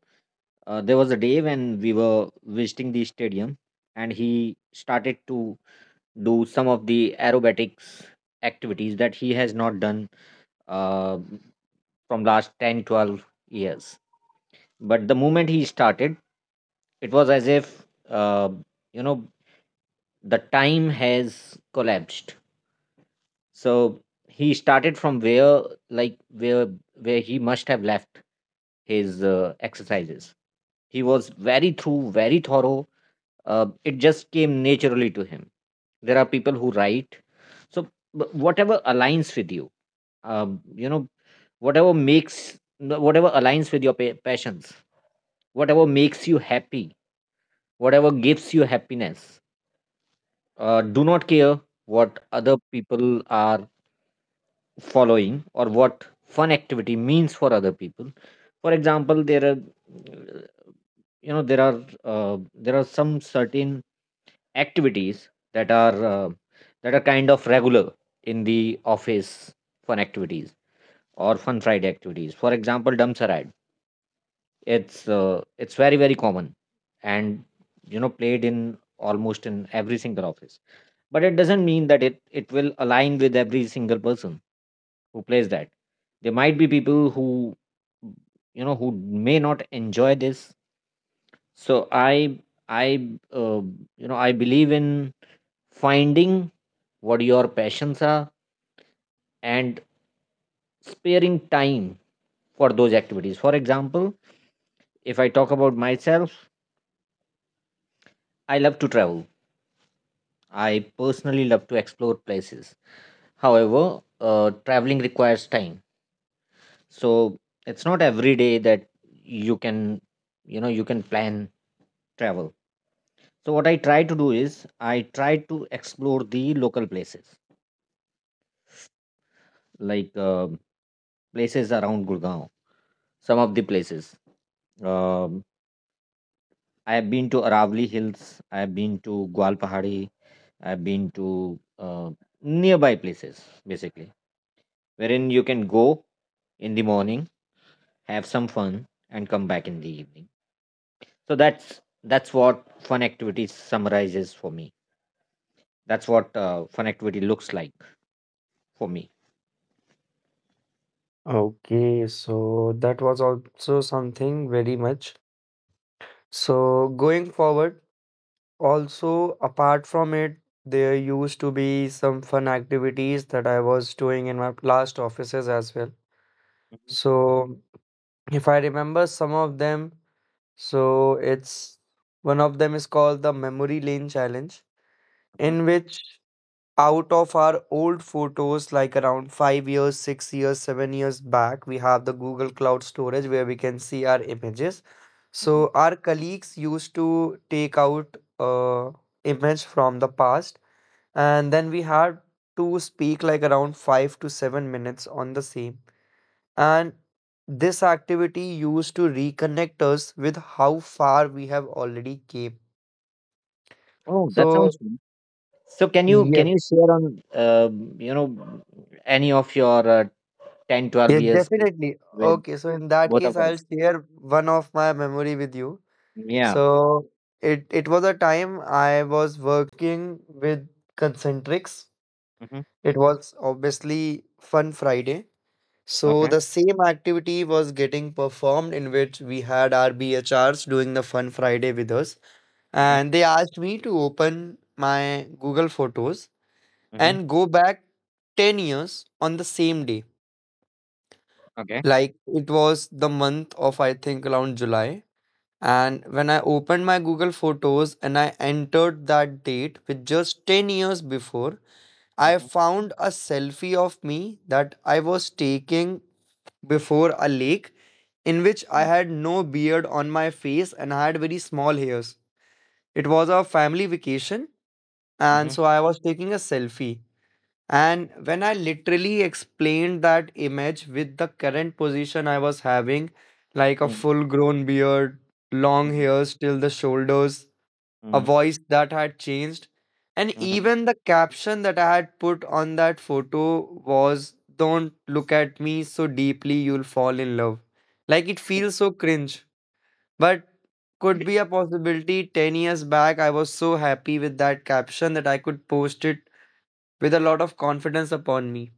Speaker 3: there was a day when we were visiting the stadium, and he started to do some of the aerobatics activities that he has not done uh, from last 10-12 years, but the moment he started, it was as if you know, the time has collapsed. So he started from where, like, where he must have left his exercises. He was very through, very thorough. It just came naturally to him. There are people who write, so whatever aligns with you, um, you know, whatever makes, whatever aligns with your passions, whatever makes you happy, whatever gives you happiness. Do not care what other people are following or what fun activity means for other people. For example, there are you know there are some certain activities that are, that are kind of regular in the office, fun activities or Fun Friday activities. For example, dumps ride. It's very, very common, and, played in almost in every single office. But it doesn't mean that it will align with every single person who plays that. There might be people who you know who may not enjoy this. So I uh, you know I believe in finding what your passions are and sparing time for those activities. For example, if I talk about myself, I love to travel. I personally love to explore places. However, traveling requires time, so it's not every day that you can you can plan travel. So what I try to do is I try to explore the local places, like places around Gurgaon. Some of the places, um, I have been to Aravali Hills. I have been to Gwalpahari. I have been to nearby places, basically, wherein you can go in the morning, have some fun, and come back in the evening. So that's what fun activity summarizes for me. That's what, fun activity looks like for me.
Speaker 1: Okay, so that was also something very much. So going forward, also, apart from it, there used to be some fun activities that I was doing in my last offices as well.
Speaker 3: Mhm,
Speaker 1: So, if I remember some of them, so it's one of them is called the Memory Lane Challenge,
Speaker 3: mhm,
Speaker 1: in which out of our old photos, like around 5 years, 6 years, 7 years back, we have the Google Cloud storage where we can see our images.
Speaker 3: mhm.
Speaker 1: So, our colleagues used to take out image from the past, and then we had to speak like around 5 to 7 minutes on the same. And this activity used to reconnect us with how far we have already came.
Speaker 3: Oh, that
Speaker 1: So
Speaker 3: sounds good. So can you can
Speaker 1: yes,
Speaker 3: you share on, any of your 10 twelve
Speaker 1: yes,
Speaker 3: years with
Speaker 1: definitely.
Speaker 3: with
Speaker 1: Okay, so in that
Speaker 3: both
Speaker 1: case,
Speaker 3: of
Speaker 1: I'll
Speaker 3: us?
Speaker 1: share one of my memory with you.
Speaker 3: Yeah.
Speaker 1: So it was a time I was working with Concentrics.
Speaker 3: Mm-hmm.
Speaker 1: It was obviously Fun Friday. So
Speaker 3: Okay.
Speaker 1: the same activity was getting performed in which we had our BHRs doing the Fun Friday with us.
Speaker 3: Mm-hmm.
Speaker 1: And they asked me to open my Google Photos
Speaker 3: Mm-hmm.
Speaker 1: and go back 10 years on the same day.
Speaker 3: Okay.
Speaker 1: Like it was the month of, I think, around July. And when I opened my Google Photos and I entered that date with just 10 years before, I
Speaker 3: Mm-hmm.
Speaker 1: found a selfie of me that I was taking before a lake, in which I had no beard on my face and I had very small hairs. It was a family vacation, and
Speaker 3: Mm-hmm.
Speaker 1: so I was taking a selfie. And when I literally explained that image with the current position I was having, like a full grown beard, long
Speaker 3: Mm-hmm.
Speaker 1: hairs till the shoulders, a voice that had changed, and
Speaker 3: Mm-hmm.
Speaker 1: even the caption that I had put on that photo was, "Don't look at me so deeply, you'll fall in love." Like it feels so cringe, but could be a possibility 10 years back. I was so happy with that caption that I could post it with a lot of confidence upon me.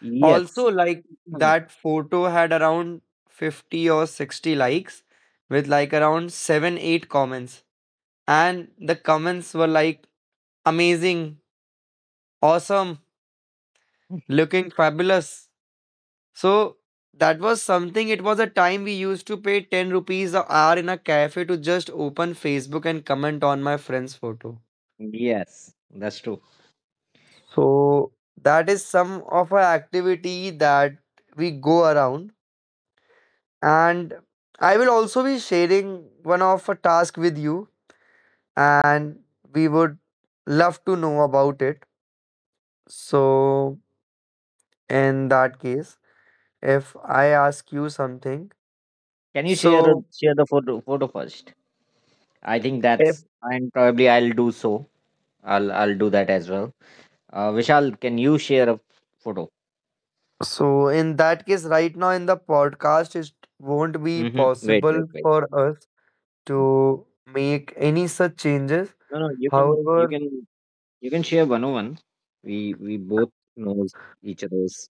Speaker 3: Yes.
Speaker 1: Also, like
Speaker 3: Mm.
Speaker 1: that photo had around 50 or 60 likes with like around 7 8 comments. And the comments were like amazing, awesome, looking fabulous. So that was something. It was a time we used to pay 10 rupees an hour in a cafe to just open Facebook and comment on my friend's photo.
Speaker 3: Yes. That's true.
Speaker 1: So that is some of our activity that we go around. And I will also be sharing one of a task with you, and we would love to know about it. So, in that case, if I ask you something,
Speaker 3: Can you share uh,
Speaker 1: so
Speaker 3: share the photo first? I think
Speaker 1: if
Speaker 3: that's, and probably I'll do so. I'll do that as well. Vishal, can you share a photo?
Speaker 1: so, in that case, right now in the podcast, it won't be
Speaker 3: Mm-hmm. Wait, wait,
Speaker 1: possible
Speaker 3: wait.
Speaker 1: for us to make any such changes.
Speaker 3: No, no. You can you
Speaker 1: However,
Speaker 3: can you can share one on one. We both knows each other's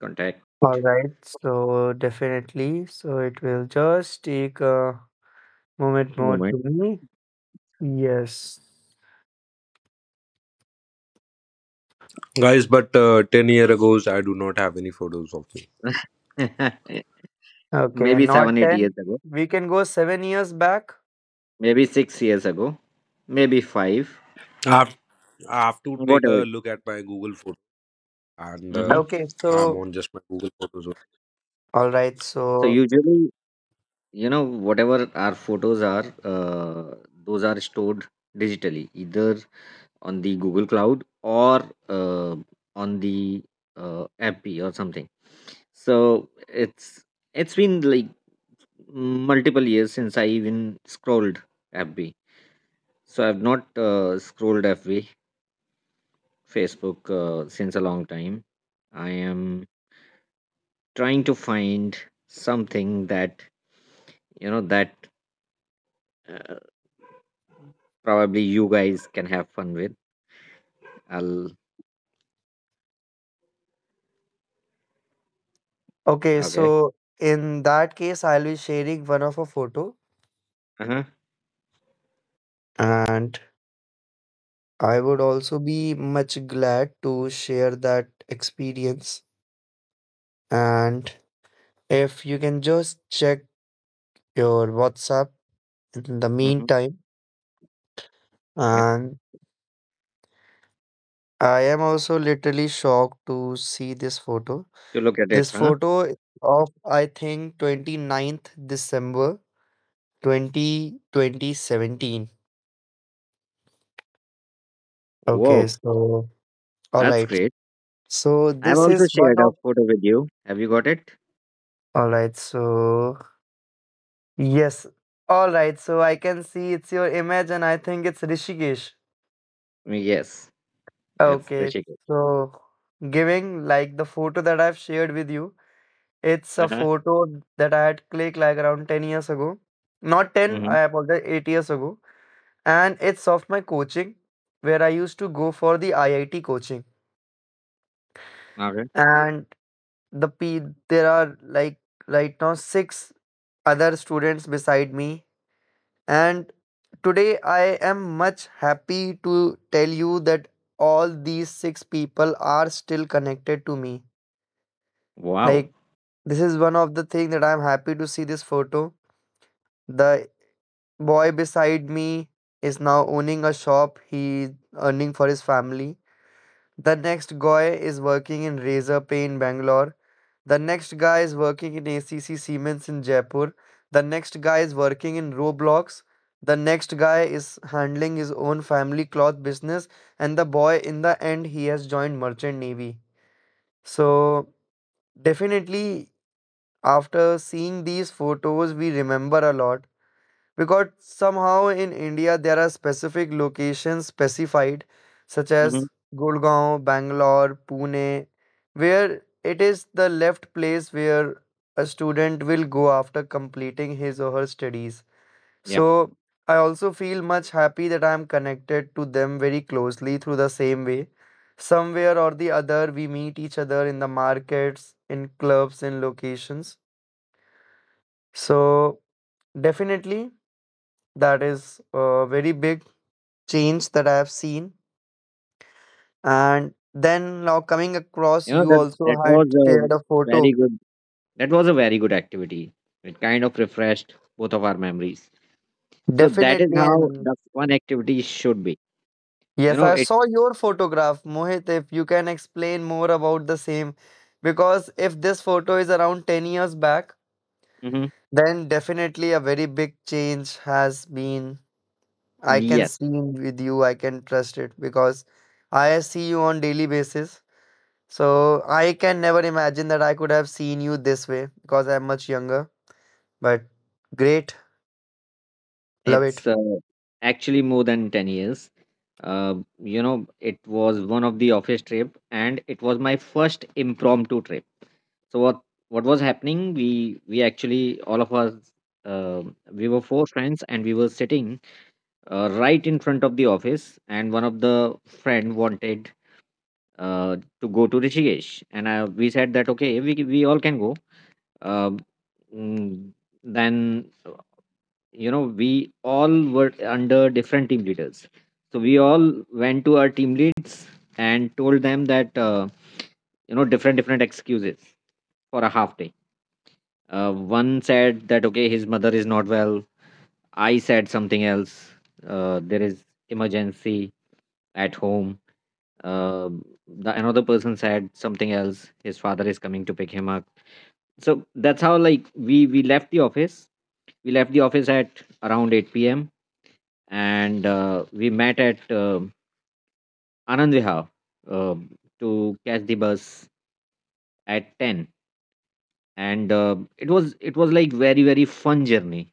Speaker 3: contact
Speaker 1: all right, so definitely, so it will just take a moment more
Speaker 3: moment.
Speaker 1: to me. Yes.
Speaker 4: Guys, but 10 year ago, I do not have any photos of me.
Speaker 1: Okay,
Speaker 3: Maybe
Speaker 1: not
Speaker 3: 7-8 years
Speaker 1: 10.
Speaker 3: ago.
Speaker 1: We can go 7 years back.
Speaker 3: Maybe 6 years ago. Maybe five.
Speaker 4: I have, I have to take a
Speaker 3: Whatever.
Speaker 4: look at my Google photo, and
Speaker 3: Mm-hmm.
Speaker 4: uh,
Speaker 1: Okay,
Speaker 4: I'm
Speaker 1: so
Speaker 4: on just my Google photos.
Speaker 1: all right,
Speaker 3: So
Speaker 1: so
Speaker 3: usually, whatever our photos are, those are stored digitally, either on the Google Cloud or uh, on the Appy or something. So it's been like multiple years since I even scrolled FB. So I've not scrolled FB Facebook since a long time. I am trying to find something that, that uh, probably you guys can have fun with. I'll,
Speaker 1: okay,
Speaker 3: okay.
Speaker 1: so in that case, I'll be sharing one of a photo,
Speaker 3: Uh huh.
Speaker 1: and I would also be much glad to share that experience. And if you can just check your WhatsApp in the
Speaker 3: Mm-hmm.
Speaker 1: meantime.
Speaker 3: Yep.
Speaker 1: And I am also literally shocked to see this photo.
Speaker 3: To look at it,
Speaker 1: This
Speaker 3: huh?
Speaker 1: photo is of, I think, twenty ninth December twenty twenty seventeen. Okay,
Speaker 3: Whoa,
Speaker 1: so all
Speaker 3: that's
Speaker 1: right.
Speaker 3: great.
Speaker 1: So
Speaker 3: I've
Speaker 1: this
Speaker 3: also
Speaker 1: is
Speaker 3: shared
Speaker 1: one
Speaker 3: a
Speaker 1: of,
Speaker 3: photo with you. Have you got it?
Speaker 1: all right. So yes, all right. So I can see it's your image, and I think it's Rishikesh.
Speaker 3: Mm. Yes, it's the
Speaker 1: Okay,
Speaker 3: chicken.
Speaker 1: so giving like the photo that I've shared with you, it's
Speaker 3: Uh
Speaker 1: a
Speaker 3: huh.
Speaker 1: photo that I had clicked like around 10 years ago. Not 10,
Speaker 3: Mm-hmm.
Speaker 1: I apologize, 8 years ago. And it's of my coaching, where I used to go for the IIT coaching.
Speaker 3: Okay.
Speaker 1: And the P there are like right now six other students beside me, and today I am much happy to tell you that all these six people are still connected to me.
Speaker 3: Wow.
Speaker 1: Like, this is one of the thing that I'm happy to see this photo. The boy beside me is now owning a shop. He's earning for his family. The next guy is working in Razor Pain, Bangalore. The next guy is working in ACC Siemens in Jaipur. The next guy is working in Roblox. The next guy is handling his own family cloth business. And the boy, in the end, he has joined Merchant Navy. So, definitely, after seeing these photos, we remember a lot, because somehow in India there are specific locations specified, such as
Speaker 3: Mm-hmm.
Speaker 1: Gurgaon, Bangalore, Pune, where it is the left place where a student will go after completing his or her studies.
Speaker 3: Yeah.
Speaker 1: So I also feel much happy that I am connected to them very closely through the same way. Somewhere or the other, we meet each other in the markets, in clubs, in locations. So definitely, that is very big change that I have seen. And then now coming across,
Speaker 3: You know
Speaker 1: you
Speaker 3: that that
Speaker 1: also
Speaker 3: was
Speaker 1: had
Speaker 3: a
Speaker 1: shared a
Speaker 3: very
Speaker 1: photo.
Speaker 3: good. That was a very good activity. It kind of refreshed both of our memories. So that is
Speaker 1: Definitely.
Speaker 3: how
Speaker 1: And
Speaker 3: the fun activity should be. You
Speaker 1: yes,
Speaker 3: know
Speaker 1: I
Speaker 3: it.
Speaker 1: saw your photograph, Mohit. If you can explain more about the same, because if this photo is around 10 years back,
Speaker 3: Hmm.
Speaker 1: then definitely a very big change has been. I can
Speaker 3: Yes,
Speaker 1: see with you, I can trust it because I see you on daily basis. So I can never imagine that I could have seen you this way because I'm much younger. But great, love it.
Speaker 3: it's actually more than 10 years. It was one of the office trip, and it was my first impromptu trip. So what was happening? We actually, all of us, we were four friends, and we were sitting right in front of the office. And one of the friend wanted to go to Rishikesh, and we said that, okay, we all can go. Um, mm, then, you know, we all were under different team leaders, so we all went to our team leads and told them that you know, different excuses for a half day. One said that, okay, his mother is not well. I said something else. There is emergency at home. Uh, the another person said something else. His father is coming to pick him up. So that's how, like, we left the office. We left the office at around 8 p.m., and we met at Anand Vihar uh, to catch the bus at 10. And it was, it was like, very, very fun journey,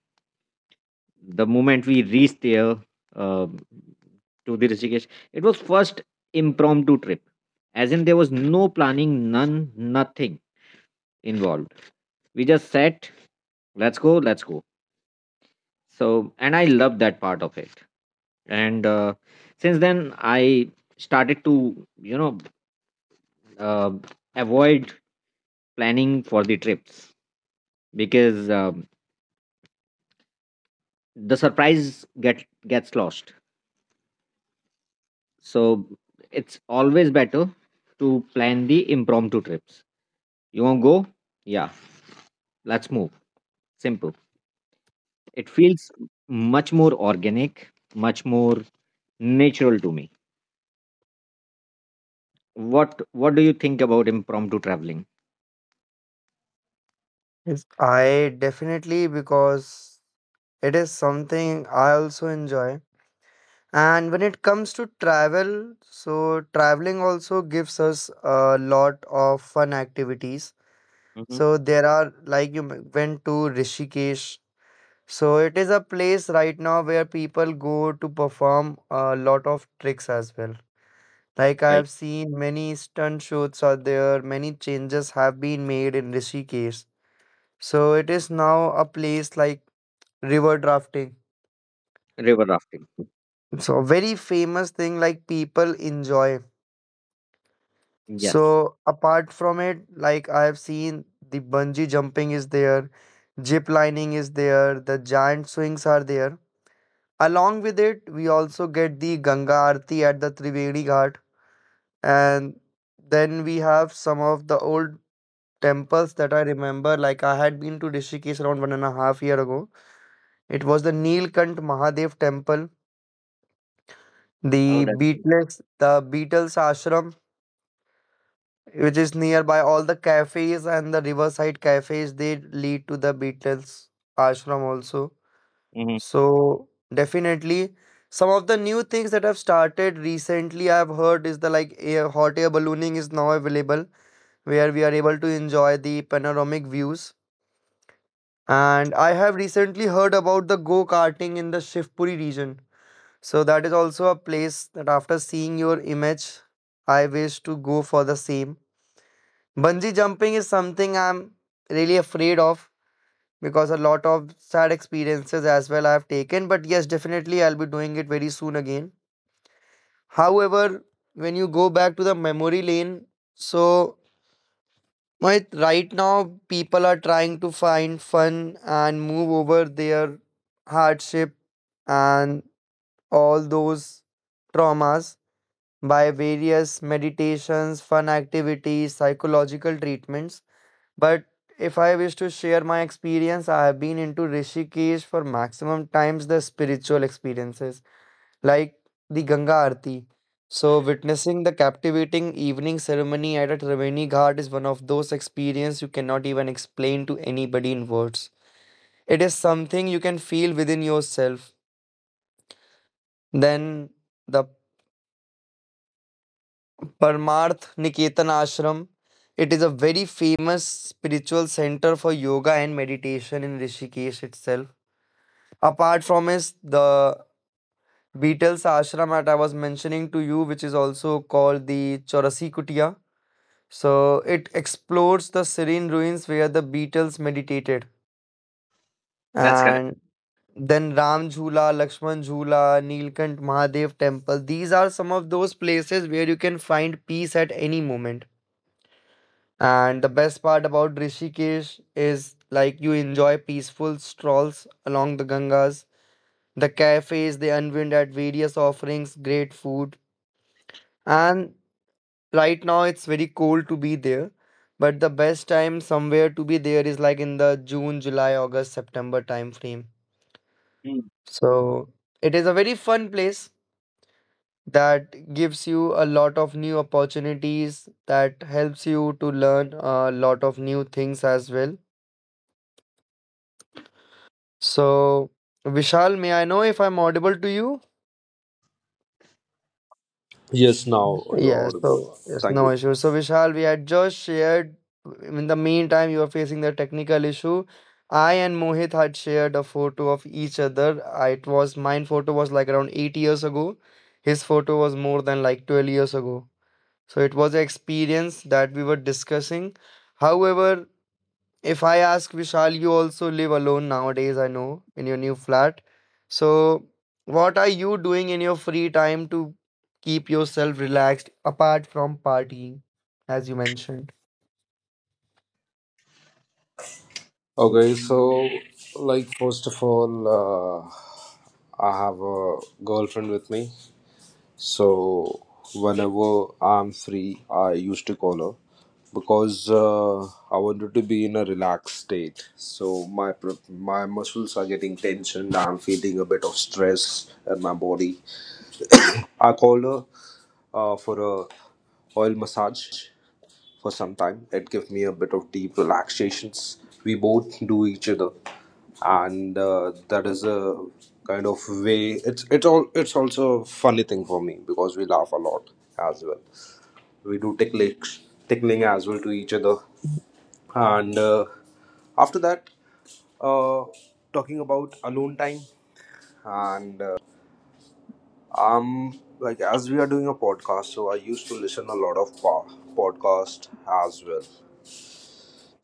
Speaker 3: the moment we reached there, um to the Rishikesh. It was first impromptu trip. As in, there was no planning, none, nothing involved. We just sat, let's go, let's go. So, and I loved that part of it. And since then, I started to, uh, avoid planning for the trips, because the surprise gets lost. So it's always better to plan the impromptu trips. You want to go? Yeah, let's move. Simple. It feels much more organic, much more natural to me. What do you think about impromptu traveling?
Speaker 1: Yes. I definitely, because it is something I also enjoy. And when it comes to travel, so traveling also gives us a lot of fun activities.
Speaker 3: Hmm.
Speaker 1: So there are, like, you went to Rishikesh. So it is a place right now where people go to perform a lot of tricks as well. Like, I
Speaker 3: Right.
Speaker 1: have seen many stunt shows are there, many changes have been made in Rishikesh. So it is now a place like river drafting.
Speaker 3: River rafting.
Speaker 1: So very famous thing like people enjoy.
Speaker 3: Yes.
Speaker 1: So apart from it, like I have seen the bungee jumping is there, zip lining is there, the giant swings are there. Along with it, we also get the Ganga Aarti at the Triveni Ghat. And then we have some of the old temples that I remember, like I had been to Rishikesh around 1.5 year ago. It was the Neelkant Mahadev temple,
Speaker 3: Oh, that's good.
Speaker 1: The Beatles Ashram, which is nearby. All the cafes and the riverside cafes, they lead to the Beatles Ashram also.
Speaker 3: Hmm.
Speaker 1: So definitely, some of the new things that have started recently, I've heard is the like hot air ballooning is now available, where we are able to enjoy the panoramic views. And I have recently heard about the go karting in the Shivpuri region. So that is also a place that, after seeing your image, I wish to go for the same. Bungee jumping is something I'm really afraid of, because a lot of sad experiences as well I've taken. But yes, definitely I'll be doing it very soon again. However, when you go back to the memory lane, so right now people are trying to find fun and move over their hardship and all those traumas by various meditations, fun activities, psychological treatments. But if I wish to share my experience, I have been into Rishikesh for maximum times the spiritual experiences, like the Ganga Aarti. So, witnessing the captivating evening ceremony at a Triveni Ghat is one of those experiences you cannot even explain to anybody in words. It is something you can feel within yourself. Then the Parmarth Niketan Ashram. It is a very famous spiritual center for yoga and meditation in Rishikesh itself. Apart from is the Beatles Ashram that I was mentioning to you, which is also called the Chaurasi Kutia. So it explores the serene ruins where the Beatles meditated.
Speaker 3: That's correct.
Speaker 1: And then Ram Jhula, Lakshman Jhula, Neelkant Mahadev Temple. These are some of those places where you can find peace at any moment. And the best part about Rishikesh is like you enjoy peaceful strolls along the Gangas, the cafes, they unwind at various offerings, great food. And right now it's very cold to be there, but the best time somewhere to be there is like in the June, July, August, September time frame.
Speaker 3: Mm.
Speaker 1: So it is a very fun place that gives you a lot of new opportunities, that helps you to learn a lot of new things as well. So, Vishal, may I know if I'm audible to you?
Speaker 5: Yes, now you're
Speaker 1: Yes,
Speaker 5: audible.
Speaker 1: so yes,
Speaker 5: Thank
Speaker 1: no
Speaker 5: you.
Speaker 1: issue. So Vishal, we had just shared in the meantime you were facing the technical issue. I and Mohit had shared a photo of each other. It was mine photo was like around 8 years ago. His photo was more than like 12 years ago. So it was an experience that we were discussing. However, if I ask Vishal, you also live alone nowadays, I know, in your new flat. So, what are you doing in your free time to keep yourself relaxed apart from partying, as you mentioned?
Speaker 5: Okay, so like first of all, I have a girlfriend with me. So whenever I'm free, I used to call her because I wanted to be in a relaxed state. So my muscles are getting tensioned. I'm feeling a bit of stress in my body. I called her for a oil massage for some time. It gives me a bit of deep relaxations. We both do each other, and that is a kind of way. It's also a funny thing for me because we laugh a lot as well. We do ticklish tickling as well to each other, and after that, uh, talking about alone time, and I'm like as we are doing a podcast, so I used to listen a lot of podcast as well.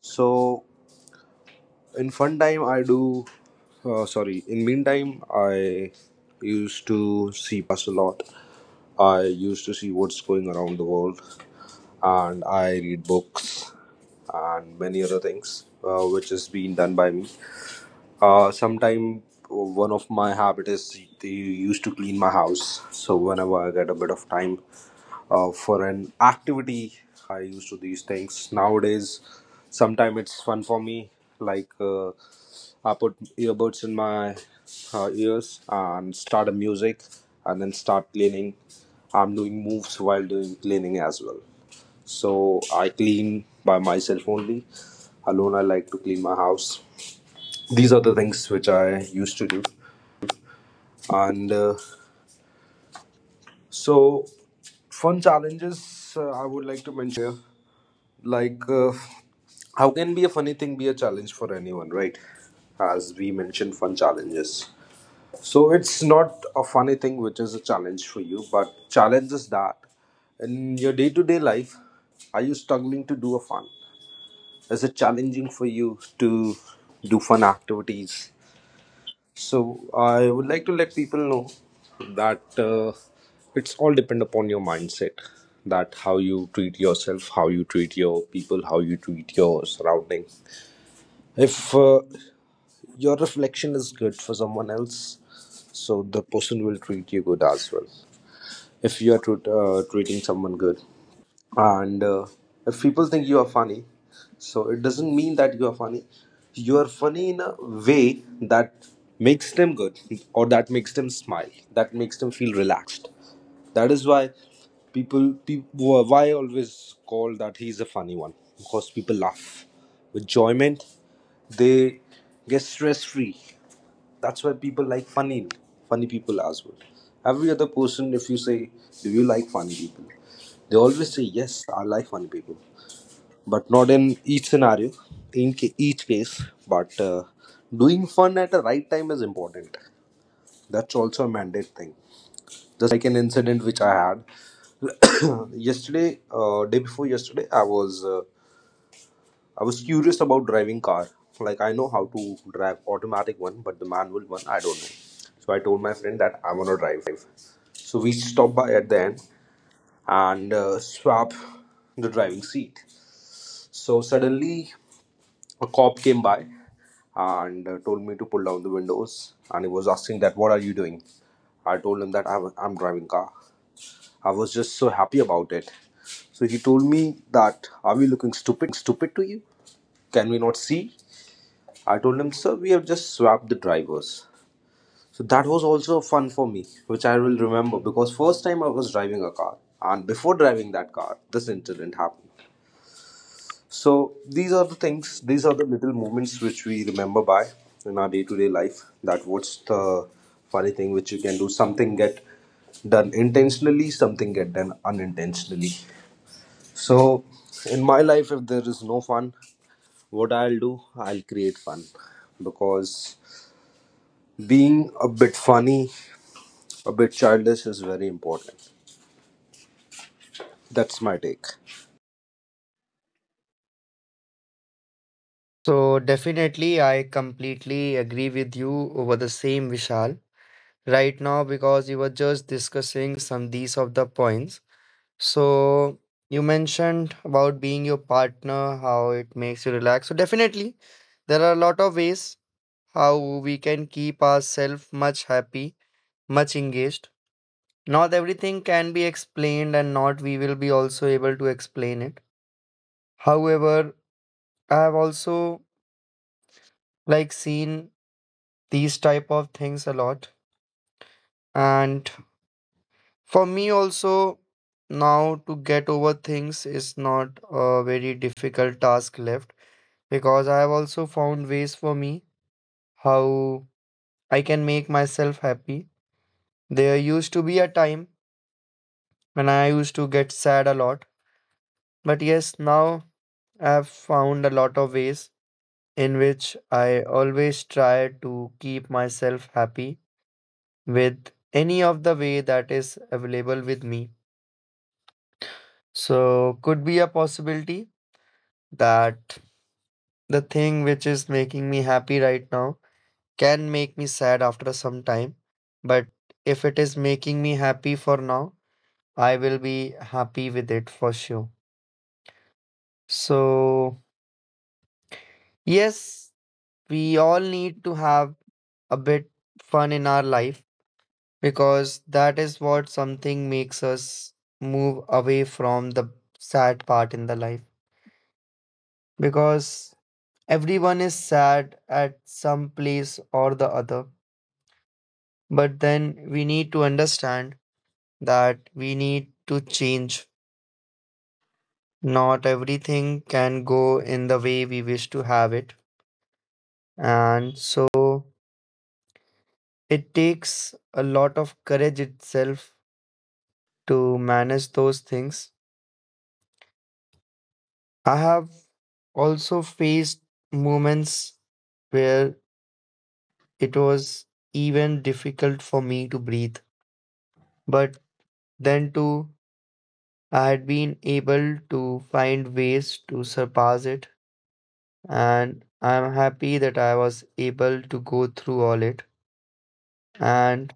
Speaker 5: So in fun time I do sorry in meantime I used to see podcasts a lot. I used to see what's going around the world, and I read books and many other things which is being done by me. Uh, sometime one of my habit is they used to clean my house. So whenever I get a bit of time for an activity, I used to these things nowadays. Sometimes it's fun for me. Like I put earbuds in my ears and start a music, and then start cleaning. I'm doing moves while doing cleaning as well. So I clean by myself only. Alone, I like to clean my house. These are the things which I used to do, and so fun challenges I would like to mention over here, like how can be a funny thing be a challenge for anyone, right? As we mentioned fun challenges, so it's not a funny thing which is a challenge for you, but challenge is that in your day-to-day life, are you struggling to do a fun? Is it challenging for you to do fun activities? So I would like to let people know that it's all depend upon your mindset, that how you treat yourself, how you treat your people, how you treat your surrounding. If your reflection is good for someone else, so the person will treat you good as well. If you are treating someone good, and if people think you are funny, so it doesn't mean that you are funny. You are funny in a way that makes them good, or that makes them smile, that makes them feel relaxed. That is why people, why I always call that he's a funny one, because people laugh with enjoyment, they get stress free. That's why people like funny people as well. Every other person, if you say do you like funny people, they always say yes, I like funny people, but not in each scenario, in each case. But doing fun at the right time is important. That's also a mandate thing. Just like an incident which I had yesterday day before yesterday, I was I was curious about driving car. Like, I know how to drive automatic one, but the manual one I don't know. So I told my friend that I wanna drive. So we stopped by at the end and swap the driving seat. So suddenly a cop came by and told me to pull down the windows, and he was asking that what are you doing. I told him that I'm driving car. I was just so happy about it. So he told me that are we looking stupid to you? Can we not see? I told him, sir, we have just swapped the drivers. So that was also fun for me, which I will remember, because first time I was driving a car, and before driving that car, this incident happened. So these are the things, these are the little moments which we remember by in our day-to-day life. That what's the funny thing which you can do. Something get done intentionally, something get done unintentionally. So in my life, if there is no fun, what I'll do, I'll create fun, because being a bit funny, a bit childish is very important. That's my take.
Speaker 1: So, definitely, I completely agree with you over the same, Vishal, right now, because you were just discussing some these of the points. So, you mentioned about being your partner, how it makes you relax. So, definitely, there are a lot of ways how we can keep ourselves much happy, much engaged. Not everything can be explained, and not we will be also able to explain it. However, I have also like seen these type of things a lot, and for me also now to get over things is not a very difficult task left because I have also found ways for me how I can make myself happy. There used to be a time when I used to get sad a lot. But yes, now I've found a lot of ways in which I always try to keep myself happy with any of the way that is available with me. So, could be a possibility that the thing which is making me happy right now can make me sad after some time. But if it is making me happy for now, I will be happy with it for sure. So, yes, we all need to have a bit fun in our life because that is what something makes us move away from the sad part in the life, because everyone is sad at some place or the other, but then we need to understand that we need to change. Not everything can go in the way we wish to have it, and so it takes a lot of courage itself to manage those things. I have also faced moments where it was even difficult for me to breathe, but then too, I had been able to find ways to surpass it, and I'm happy that I was able to go through all it. And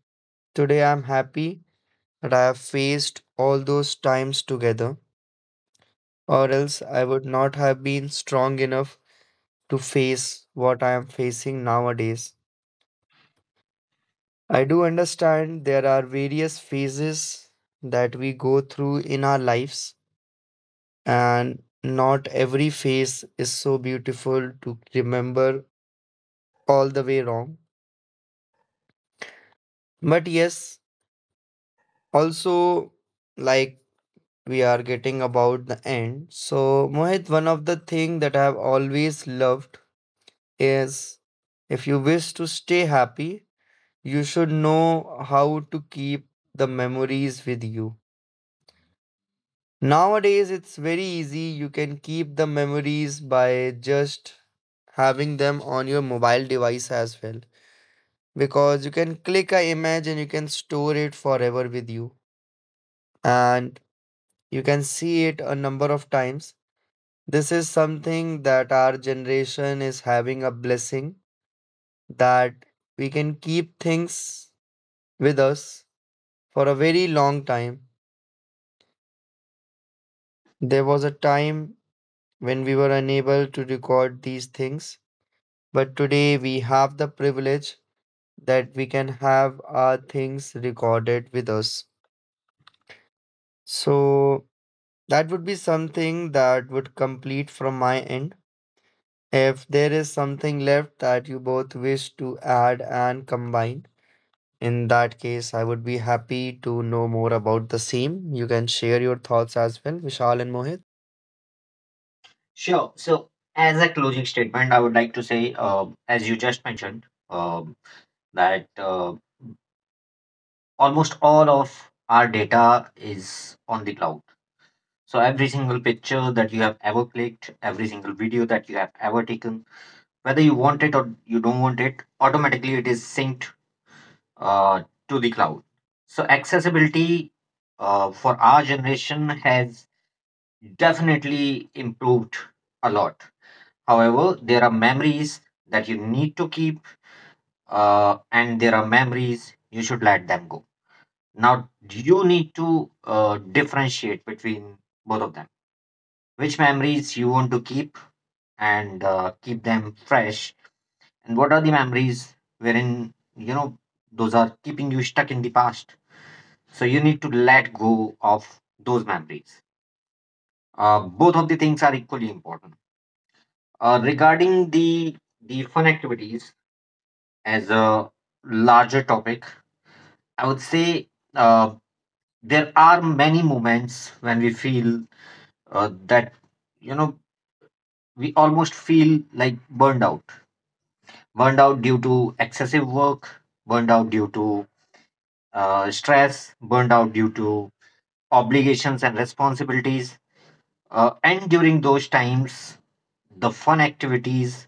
Speaker 1: today, I'm happy that I have faced all those times together, or else I would not have been strong enough to face what I am facing nowadays. I do understand there are various phases that we go through in our lives, and not every phase is so beautiful to remember all the way wrong. But yes, also like we are getting about the end. So Mohit, one of the thing that I have always loved is, if you wish to stay happy, you should know how to keep the memories with you. Nowadays, it's very easy. You can keep the memories by just having them on your mobile device as well, because you can click a image and you can store it forever with you, and you can see it a number of times. This is something that our generation is having a blessing, that we can keep things with us for a very long time. There was a time when we were unable to record these things, but today we have the privilege that we can have our things recorded with us. So that would be something that would complete from my end. If there is something left that you both wish to add and combine, in that case, I would be happy to know more about the same. You can share your thoughts as well, Vishal and Mohit.
Speaker 3: Sure. So, as a closing statement, I would like to say, as you just mentioned, that. Almost all of our data is on the cloud. So every single picture that you have ever clicked, every single video that you have ever taken, whether you want it or you don't want it, automatically it is synced uh, to the cloud. So accessibility, for our generation, has definitely improved a lot. However, there are memories that you need to keep, and there are memories you should let them go. Now you need to differentiate between both of them. Which memories you want to keep and keep them fresh, and what are the memories wherein, those are keeping you stuck in the past. So you need to let go of those memories. Both of the things are equally important. Regarding the fun activities as a larger topic, I would say, uh, there are many moments when we feel that, you know we almost feel like burned out, burned out due to excessive work, burned out due to stress, burned out due to obligations and responsibilities, and during those times, the fun activities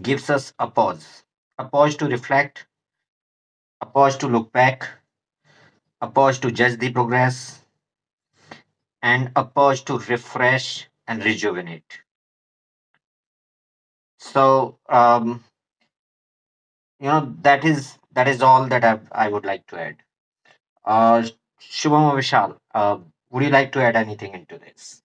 Speaker 3: gives us a pause, a pause to reflect, a pause to look back, a pause to judge the progress, and a pause to refresh and rejuvenate. So, that is, that is all that I would like to add. Uh, Shubham or Vishal, would you like to add anything into this?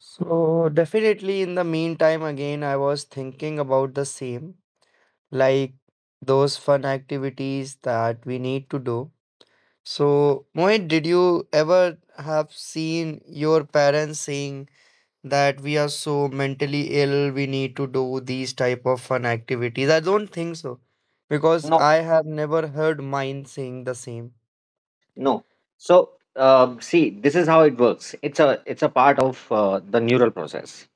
Speaker 1: So, definitely in the meantime, again, I was thinking about the same, like those fun activities that we need to do. So, Mohit, did you ever have seen your parents saying that we are so mentally ill, we need to do these type of fun activities? I don't think so, because
Speaker 3: No,
Speaker 1: I have never heard mine saying the same.
Speaker 3: no. So, see, this is how it works. It's a part of the neural process.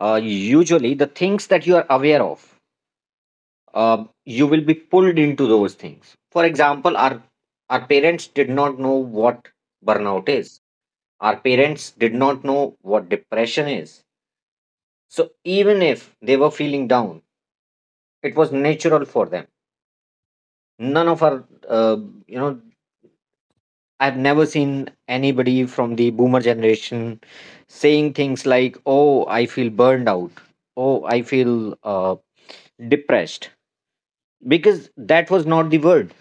Speaker 3: Usually, the things that you are aware of, you will be pulled into those things. For example, our parents did not know what burnout is. Our parents did not know what depression is. So even if they were feeling down, it was natural for them. None of our you know I've never seen anybody from the boomer generation saying things like, oh, I feel burned out, oh, I feel uh, depressed, because that was not the word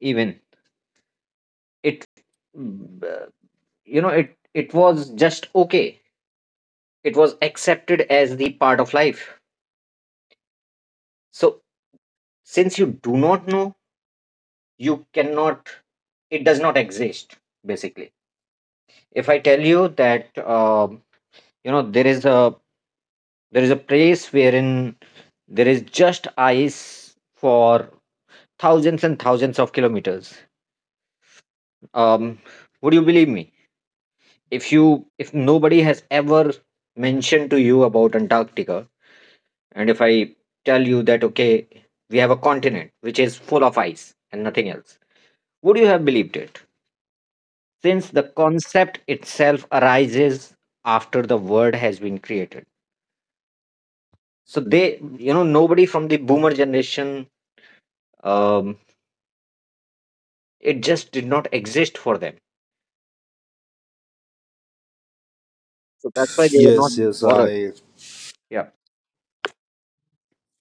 Speaker 3: even. It mm, uh, you know it it was just, okay, it was accepted as the part of life. So, since you do not know, you cannot it does not exist, basically. If I tell you that, you know there is a there is a place wherein there is just ice for thousands and thousands of kilometers, um would you believe me if you if nobody has ever mentioned to you about Antarctica? And if I tell you that, okay, we have a continent which is full of ice and nothing else, would you have believed it? Since the concept itself arises after the word has been created. So they you know nobody from the boomer generation, um, it just did not exist for them. So that's why they were not
Speaker 5: Yes, yes,
Speaker 3: bothered.
Speaker 5: I.
Speaker 3: Yeah.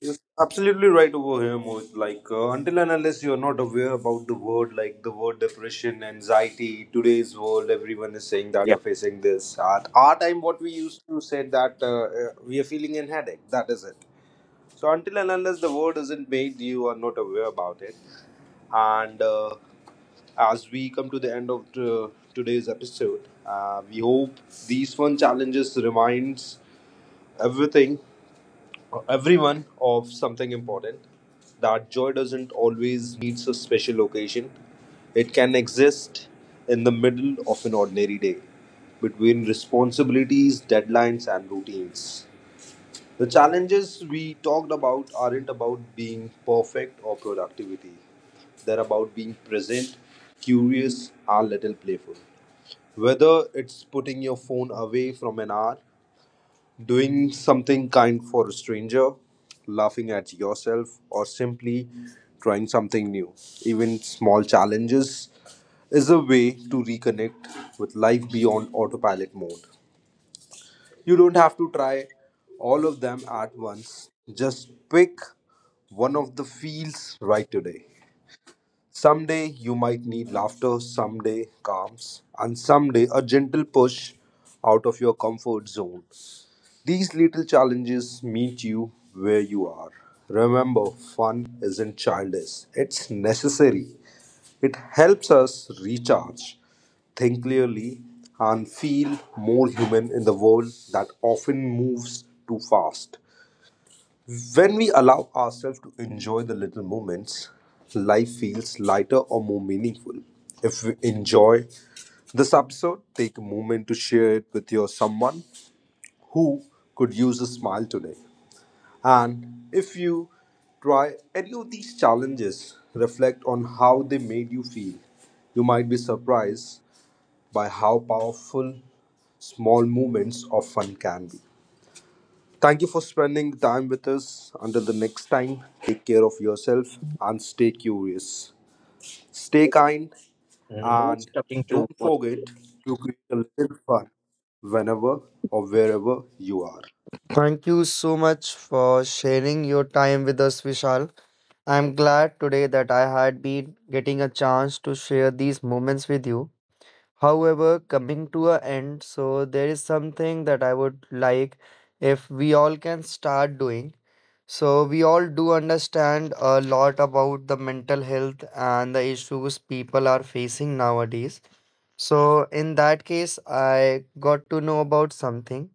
Speaker 5: You're absolutely right over here, Mohit. Like, until and unless you're not aware about the word, like the word depression, anxiety, today's world, everyone is saying that we
Speaker 3: Yeah.
Speaker 5: are facing this. At our time, what we used to say that we are feeling a headache. That is it. So until and unless the word isn't made, you are not aware about it. And as we come to the end of today's episode, we hope these fun challenges reminds everything, everyone of something important. That joy doesn't always needs a special occasion. It can exist in the middle of an ordinary day, between responsibilities, deadlines, and routines. The challenges we talked about aren't about being perfect or productivity. They're about being present, curious, and a little playful. Whether it's putting your phone away from an hour, doing something kind for a stranger, laughing at yourself, or simply trying something new. Even small challenges is a way to reconnect with life beyond autopilot mode. You don't have to try all of them at once. Just pick one of the fields right today. Someday you might need laughter, someday calms, and someday a gentle push out of your comfort zone. These little challenges meet you where you are. Remember, fun isn't childish, it's necessary. It helps us recharge, think clearly, and feel more human in the world that often moves too fast. When we allow ourselves to enjoy the little moments, life feels lighter or more meaningful. If we enjoy this episode, take a moment to share it with your someone who could use a smile today. And if you try any of these challenges, reflect on how they made you feel. You might be surprised by how powerful small moments of fun can be. Thank you for spending time with us. Until the next time, take care of yourself and stay curious. Stay
Speaker 3: It's
Speaker 5: kind,
Speaker 3: nice
Speaker 5: and
Speaker 3: talking to
Speaker 5: don't
Speaker 3: both of
Speaker 5: forget
Speaker 3: you.
Speaker 5: to create a little fun whenever or wherever you are.
Speaker 1: Thank you so much for sharing your time with us, Vishal. I'm glad today that I had been getting a chance to share these moments with you. However, coming to a end, so there is something that I would like if we all can start doing. So we all do understand a lot about the mental health and the issues people are facing nowadays. So in that case, I got to know about something,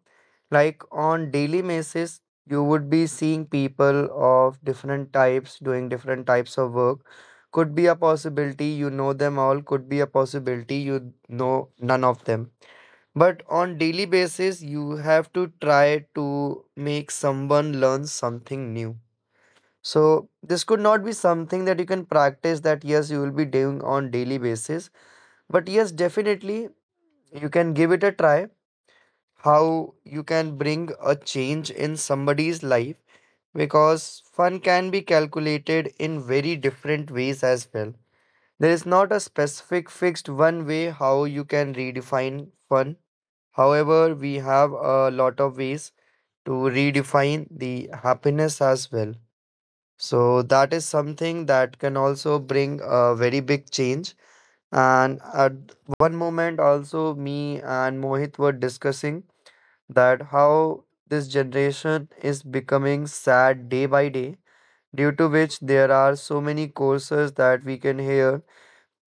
Speaker 1: like on daily basis you would be seeing people of different types doing different types of work. Could be a possibility you know them all, could be a possibility you know none of them, but on daily basis you have to try to make someone learn something new. So this could not be something that you can practice, that yes you will be doing on daily basis, but yes definitely you can give it a try how you can bring a change in somebody's life, because fun can be calculated in very different ways as well. There is not a specific fixed one way how you can redefine fun. However, we have a lot of ways to redefine the happiness as well. So that is something that can also bring a very big change. And at one moment also me and Mohit were discussing that how this generation is becoming sad day by day, due to which there are so many courses that we can hear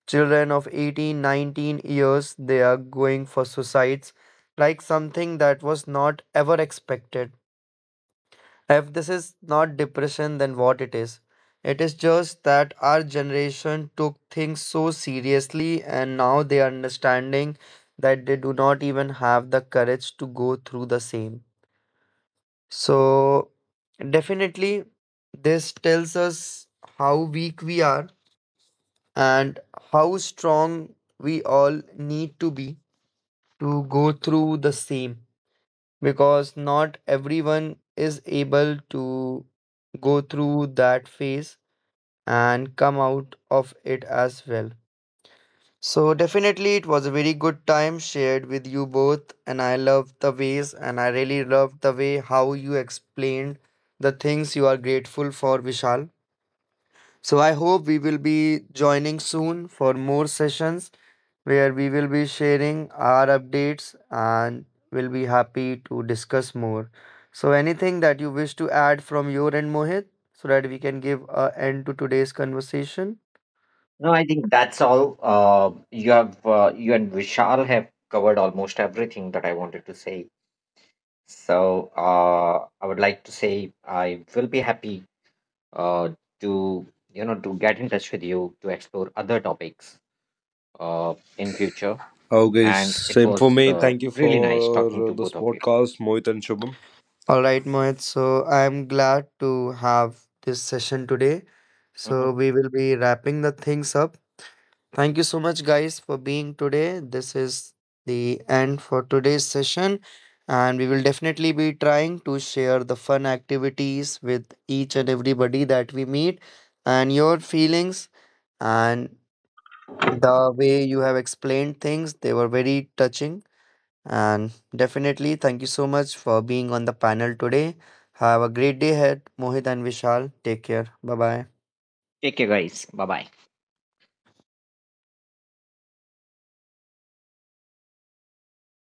Speaker 1: children of 18, 19 years they are going for suicides, like something that was not ever expected. If this is not depression, then what it is? It is just that our generation took things so seriously, and now they are understanding that they do not even have the courage to go through the same. So, definitely, this tells us how weak we are and how strong we all need to be to go through the same, because not everyone is able to go through that phase and come out of it as well. So definitely it was a very good time shared with you both, and I love the ways, and I really love the way how you explained the things you are grateful for, Vishal. So I hope we will be joining soon for more sessions where we will be sharing our updates and will be happy to discuss more. So anything that you wish to add from your end, Mohit, so that we can give a end to today's conversation?
Speaker 3: No, I think that's all. You and Vishal have covered almost everything that I wanted to say. So I would like to say I will be happy uh, to, to get in touch with you to explore other topics in future.
Speaker 5: Okay,
Speaker 3: And it
Speaker 5: same for
Speaker 3: was
Speaker 5: me. Thank you
Speaker 3: really nice
Speaker 5: for
Speaker 3: talking to
Speaker 5: this
Speaker 3: both of you.
Speaker 5: podcast, Mohit and Shubham.
Speaker 1: All right, Mohit. So I'm glad to have this session today.
Speaker 3: Mhm.
Speaker 1: So we will be wrapping the things up. Thank you so much, guys, for being today. This is the end for today's session, and we will definitely be trying to share the fun activities with each and everybody that we meet, and your feelings and the way you have explained things, they were very touching. And definitely, thank you so much for being on the panel today. Have a great day ahead, Mohit and Vishal. Take care. Bye bye.
Speaker 3: Take care, guys. Bye bye.